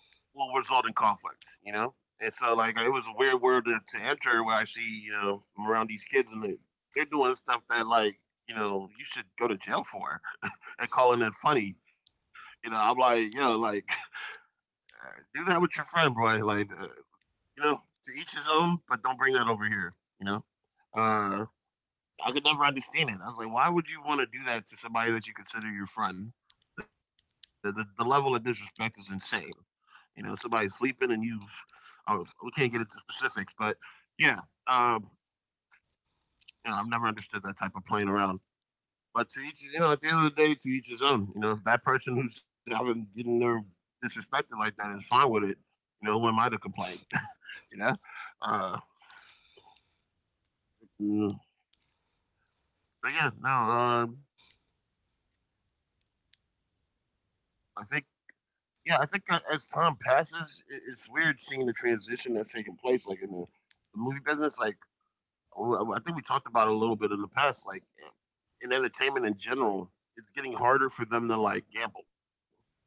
Speaker 1: will result in conflict, you know. And so like it was a weird world to enter where I see you know I'm around these kids and they're doing stuff that like you know you should go to jail for and calling it funny. You know, I'm like, you know, like do that with your friend, boy. You know, to each his own, but don't bring that over here. You know, uh, I could never understand it. I was like, why would you want to do that to somebody that you consider your friend? The level of disrespect is insane. You know, somebody's sleeping and you've, oh, we can't get into specifics, but yeah, um, you know, I've never understood that type of playing around. But to each, you know, at the end of the day, to each his own. You know, if that person who's having getting their disrespected like that is fine with it, you know, who am I to complain? you know, uh, mm, but Yeah, no, I think yeah, I think that as time passes, I it's weird seeing the transition that's taking place, like in the movie business. Like, oh, I think we talked about it a little bit in the past, like in entertainment in general, it's getting harder for them to like gamble, you know,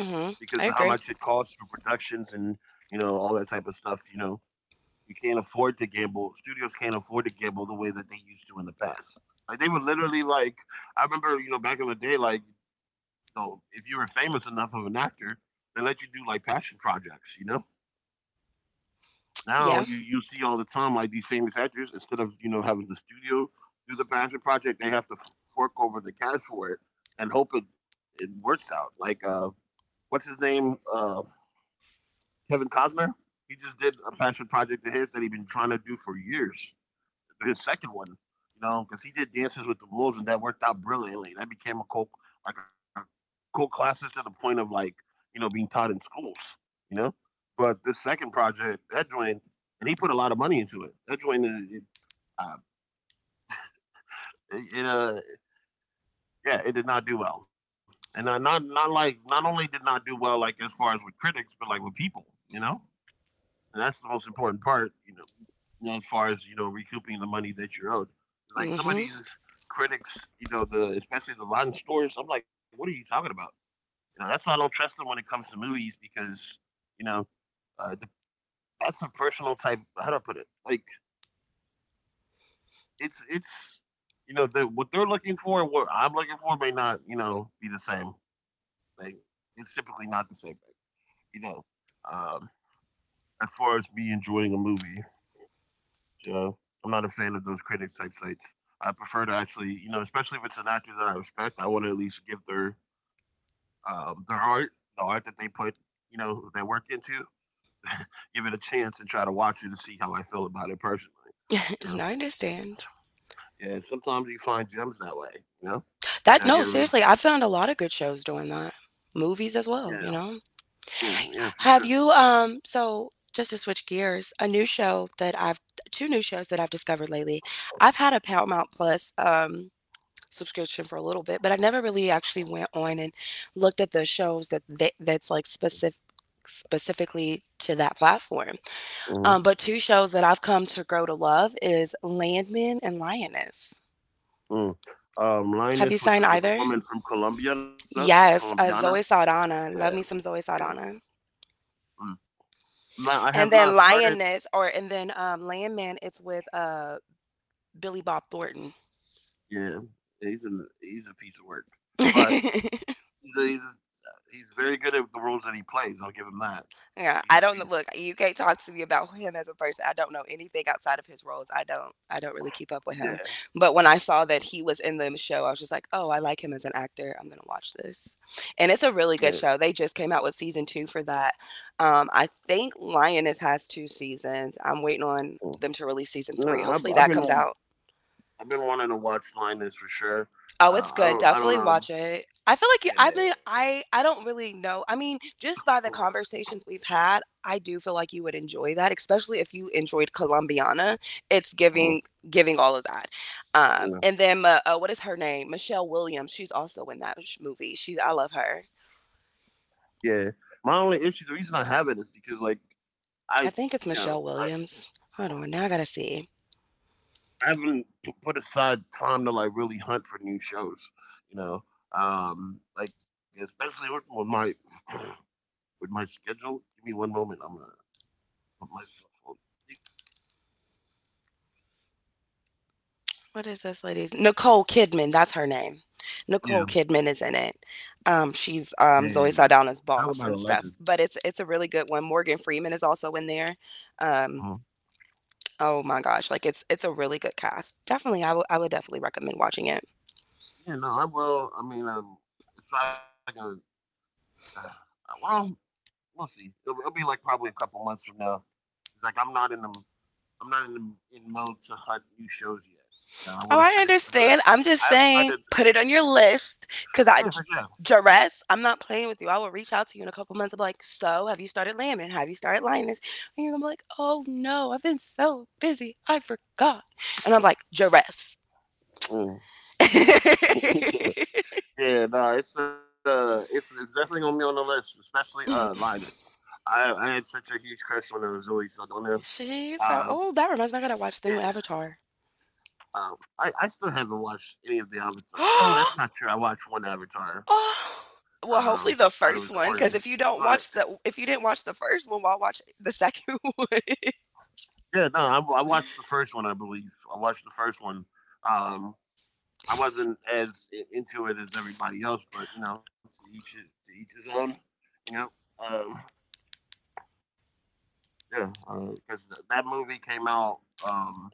Speaker 1: because of how
Speaker 2: I
Speaker 1: much it
Speaker 2: agree.
Speaker 1: costs for productions and you know all that type of stuff, you know. You can't afford to gamble. Studios can't afford to gamble the way that they used to in the past. Like they were literally like, I remember, you know, back in the day, like, you know, if you were famous enough of an actor, they let you do like passion projects, you know. Now
Speaker 2: Yeah.
Speaker 1: you see all the time like these famous actors instead of you know having the studio do the passion project, they have to fork over the cash for it and hope it works out. Like what's his name? Kevin Costner. He just did a passion project of his that he'd been trying to do for years. His second one, you know, because he did dances with the wolves and that worked out brilliantly. That became a cult, like a cult classic to the point of like, you know, being taught in schools, you know. But this second project, that joint, and he put a lot of money into it. That joint, uh, it, uh, it, it, uh, yeah, it did not do well, and not like not only did not do well like as far as with critics, but like with people, you know. And that's the most important part, you know, as far as, you know, recouping the money that you're owed. Like some of
Speaker 2: Mm-hmm.
Speaker 1: these critics, you know, the especially the rotten stores, I'm like, what are you talking about? You know, that's why I don't trust them when it comes to movies because, you know, uh, the, that's a personal type. How do I put it? Like it's you know the, what they're looking for, what I'm looking for may not you know be the same. Like it's typically not the same thing. You know, um, as far as me enjoying a movie, yeah, I'm not a fan of those critics type sites. I prefer to actually, you know, especially if it's an actor that I respect, I want to at least give their art, the art that they put, you know, their work into, give it a chance and try to watch it to see how I feel about it personally. You
Speaker 2: No,
Speaker 1: know,
Speaker 2: I understand.
Speaker 1: yeah. Sometimes you find gems that way. You know,
Speaker 2: That
Speaker 1: I
Speaker 2: no,
Speaker 1: give,
Speaker 2: seriously, I found a lot of good shows doing that. Movies as
Speaker 1: yeah,
Speaker 2: well, you know?
Speaker 1: yeah, yeah, for sure.
Speaker 2: Have you so Just to switch gears, a new show that I've two new shows that I've discovered lately. I've had a Paramount Plus subscription for a little bit, but I never really actually went on and looked at the shows that they, that's like specifically to that platform.
Speaker 1: Mm-hmm.
Speaker 2: Um, but two shows that I've come to grow to love is Landman and Lioness.
Speaker 1: Mm.
Speaker 2: Have
Speaker 1: Linus
Speaker 2: you
Speaker 1: with the
Speaker 2: signed
Speaker 1: girl, the
Speaker 2: either?
Speaker 1: woman from Colombiana,
Speaker 2: Yes,
Speaker 1: Colombiana.
Speaker 2: Zoe
Speaker 1: Yeah,
Speaker 2: Saldana. Love me some
Speaker 1: yeah.
Speaker 2: Zoe Saldana.
Speaker 1: Mm. No, I have
Speaker 2: And
Speaker 1: not
Speaker 2: then
Speaker 1: started.
Speaker 2: Lioness, or and then Landman. It's with Billy Bob Thornton.
Speaker 1: Yeah, he's a piece of work, but he's a, he's he's very good at the roles that he plays. I'll give him that. He's a
Speaker 2: Yeah, I
Speaker 1: piece.
Speaker 2: don't look. You can't talk to me about him as a person. I don't know anything outside of his roles. I don't. I don't really keep up with him.
Speaker 1: Yeah,
Speaker 2: But when I saw that he was in the show, I was just like, oh, I like him as an actor. I'm gonna watch this, and it's a
Speaker 1: yeah.
Speaker 2: really good show. They just came out with season two for that. I think Lioness has two seasons. I'm waiting on
Speaker 1: Mm.
Speaker 2: them to release season
Speaker 1: No,
Speaker 2: three. Hopefully that comes out.
Speaker 1: I've been wanting to watch Linus for sure.
Speaker 2: Oh, it's good.
Speaker 1: I don't
Speaker 2: Definitely watch
Speaker 1: know.
Speaker 2: it. I feel like you, I
Speaker 1: Yeah.
Speaker 2: mean, I don't really know. I mean, just by the conversations we've had, I do feel like you would enjoy that, especially if you enjoyed Colombiana. It's
Speaker 1: Mhm,
Speaker 2: giving giving all of that.
Speaker 1: mhm.
Speaker 2: And then what is her name? Michelle Williams. She's also in that movie. She, I love her.
Speaker 1: Yeah. My only issue, the reason I haven't is because like I you
Speaker 2: I think it's
Speaker 1: know
Speaker 2: Michelle Williams. Hold on, now I gotta see.
Speaker 1: I haven't p- put aside time to like really hunt for new shows. You know, like especially with my with my schedule. Give me one moment. I'm gonna put myself on.
Speaker 2: What is this lady's Nicole Kidman? That's her name.
Speaker 1: Yeah,
Speaker 2: Nicole Kidman is in it.
Speaker 1: yeah.
Speaker 2: She's
Speaker 1: Yeah.
Speaker 2: Zoe
Speaker 1: Talk
Speaker 2: Saldana's
Speaker 1: about a
Speaker 2: boss
Speaker 1: legend.
Speaker 2: and stuff. But it's a really good one. Morgan Freeman is also in there. Um,
Speaker 1: Uh-huh.
Speaker 2: oh my gosh, like it's a really good cast. Definitely, I would definitely recommend watching it.
Speaker 1: Yeah, no, I will. It's not gonna. Uh, well, we'll see. It'll be like probably a couple months from now. It's like I'm not in the I'm not in in mode to hunt new shows yet. You know, I would
Speaker 2: Oh,
Speaker 1: have
Speaker 2: I
Speaker 1: finished some of the.
Speaker 2: understand. I'm just
Speaker 1: I've
Speaker 2: saying,
Speaker 1: started.
Speaker 2: put it on your list because I
Speaker 1: Yeah, for
Speaker 2: duress. I'm not playing with you. I will reach out to you in a couple months. I'm like, so have you started lambing? Have you started lying this? And you're gonna be like, oh no, I've been so busy, I forgot. And I'm like, duress.
Speaker 1: sure. Mm. Yeah, no, it's definitely gonna be on the list, especially Linus. I had such a huge crush on Zoe Saldana.
Speaker 2: She's so
Speaker 1: Uh,
Speaker 2: old. That reminds me, I gotta watch the new
Speaker 1: yeah.
Speaker 2: Avatar.
Speaker 1: I still haven't watched any of the Avatar. No, that's
Speaker 2: Oh,
Speaker 1: not true. I watched one Avatar. Um,
Speaker 2: well,
Speaker 1: Thought it
Speaker 2: hopefully
Speaker 1: was
Speaker 2: the
Speaker 1: corny,
Speaker 2: first one, because if you
Speaker 1: but
Speaker 2: don't watch the, if you didn't watch the first one, well, I'll watch the second one.
Speaker 1: yeah, no, I watched the first one. I believe I watched the first one. Um, I wasn't as I- into it as everybody else, but you know, to each his own. You know, um, yeah, because that movie came out. Um,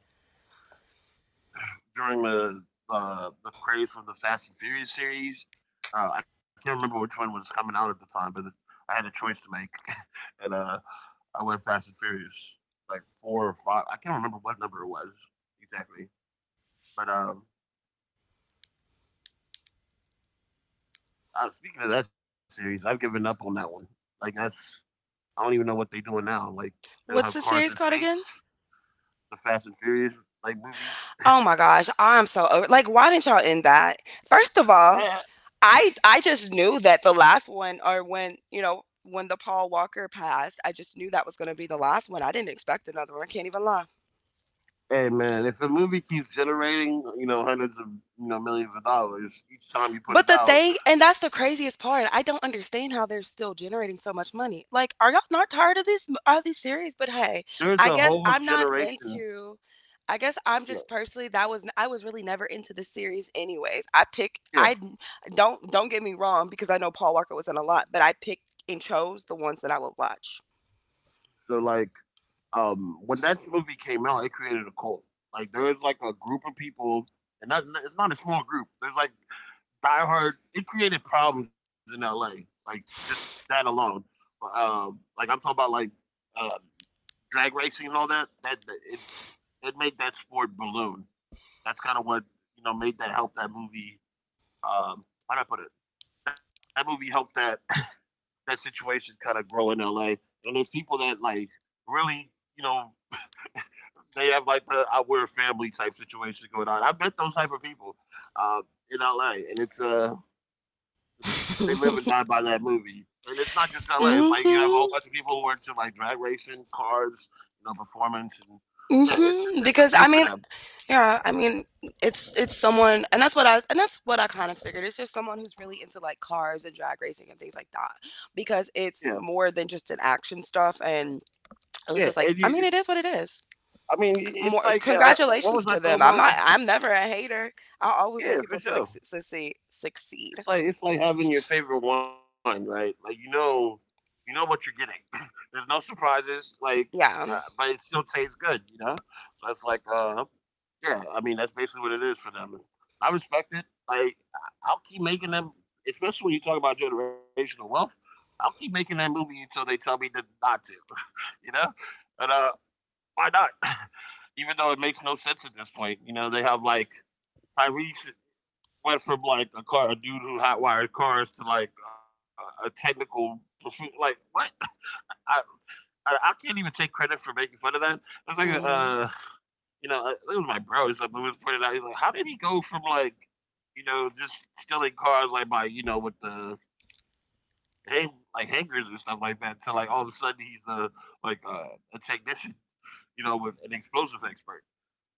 Speaker 1: During the craze for the Fast and Furious series. I can't remember which one was coming out at the time, but I had a choice to make, and I went Fast and Furious, like four or five. I can't remember what number it was exactly. But Speaking of that series, I've given up on that one. Like that's I don't even know what they're doing now. Like they'll have
Speaker 2: What's the
Speaker 1: cars in
Speaker 2: series called again?
Speaker 1: space, the Fast and Furious like movies.
Speaker 2: Oh my gosh, I'm so over. Like, why didn't y'all end that? First of all,
Speaker 1: I,
Speaker 2: I just knew that the last one, or when you know when the Paul Walker passed, I just knew that was going to be the last one. I didn't expect another one. I can't even lie.
Speaker 1: Hey man, if a movie keeps generating, you know, hundreds of, you know, millions of dollars each time you put
Speaker 2: But
Speaker 1: it
Speaker 2: the
Speaker 1: out,
Speaker 2: thing and that's the craziest part, I don't understand how they're still generating so much money. Like, are y'all not tired of this? Are these series? But
Speaker 1: there's
Speaker 2: hey,
Speaker 1: a whole
Speaker 2: I guess I'm not
Speaker 1: generation.
Speaker 2: into I guess
Speaker 1: Yeah,
Speaker 2: I'm just personally that was I was really never into the series anyways.
Speaker 1: yeah.
Speaker 2: I don't get me wrong because I know Paul Walker was in a lot, but I picked and chose the ones that I would watch.
Speaker 1: So like, when that movie came out, it created a cult. Like there's like a group of people, and not, it's not a small group. There's like diehard. It created problems in L.A. Like just that alone. Like I'm talking about like uh, drag racing and all that. It it made that sport balloon. That's kind of what, you know, made that, help that movie. Um, how do I put it? That movie helped that that situation kind of grow in LA. And there's people that like really, you know, they have like the "I, we're a family" type situation going on. I met those type of people uh, in LA, and it's they live and die by that movie. And it's not just LA. It's like you have a whole bunch of
Speaker 2: Mhm.
Speaker 1: people who are into like drag racing, cars, you know, performance, and yeah, it's it's,
Speaker 2: Mhm.
Speaker 1: it's
Speaker 2: Because
Speaker 1: a thing
Speaker 2: I
Speaker 1: for
Speaker 2: mean,
Speaker 1: them.
Speaker 2: yeah, I mean, it's someone, and that's what I kind of figured. It's just someone who's really into like cars and drag racing and things like that, because
Speaker 1: Yeah,
Speaker 2: it's more than just an action stuff. And it was
Speaker 1: yeah,
Speaker 2: just like,
Speaker 1: and
Speaker 2: I mean,
Speaker 1: you
Speaker 2: it is what it is.
Speaker 1: I mean,
Speaker 2: C-
Speaker 1: it's
Speaker 2: More
Speaker 1: like, what
Speaker 2: congratulations
Speaker 1: was I
Speaker 2: to
Speaker 1: talking
Speaker 2: them. I'm
Speaker 1: about?
Speaker 2: not. I'm never a hater. I always want
Speaker 1: Yeah, for
Speaker 2: people to
Speaker 1: sure.
Speaker 2: ex- Succeed.
Speaker 1: It's like having your favorite wine, right? Like you know what you're getting. There's no surprises, like,
Speaker 2: Yeah.
Speaker 1: but it still tastes good, you know. So it's like, yeah. I mean, that's basically what it is for them. I respect it. Like, I'll keep making them, especially when you talk about generational wealth. I'll keep making that movie until they tell me that not to, you know. And Why not? Even though it makes no sense at this point, you know, they have like Tyrese went from like a dude who hotwired cars to like a technical, like what? I, I can't even take credit for making fun of that. It's like a,
Speaker 2: Mm-hmm.
Speaker 1: it was my bro or something who was pointed out. He's like, how did he go from like, you know, just stealing cars like by, you know, with the hangers and stuff like that to like all of a sudden he's a like a technician, you know, with an explosive expert.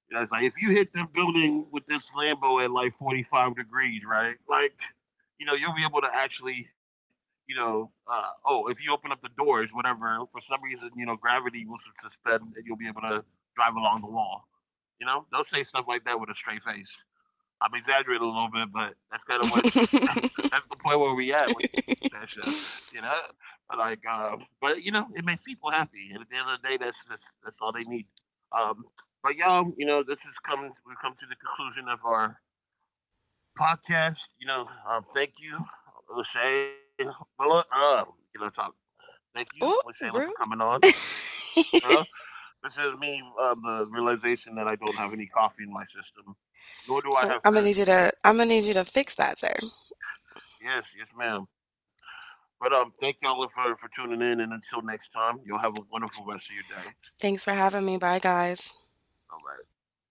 Speaker 1: Yeah, it's like if you hit the building with this Lambo at like 45 degrees, right? Like, you know, you'll be able to actually, you know, oh, if you open up the doors, whatever, for some reason, you know, gravity will suspend and you'll be able to drive along the wall. You know, they'll say stuff like that with a straight face. I'm exaggerating a little bit, but that's kind of what that's the point where we at with that show, you know. But you know, it makes people happy, and at the end of the day, that's all they need. Um, but y'all, you know, this is coming. We have come to the conclusion of our podcast. You know, thank you, Lachey. Well, you know, talk. Thank you, Lachey,
Speaker 2: Oh,
Speaker 1: for coming
Speaker 2: rude.
Speaker 1: on. Uh, this is me. The realization that I don't have any coffee in my system, nor do I have food.
Speaker 2: I'm gonna need you to fix that, sir.
Speaker 1: Yes, yes, ma'am. But Thank y'all for tuning in, and until next time, y'all have a wonderful rest of your day.
Speaker 2: Thanks for having me. Bye, guys.
Speaker 1: All right.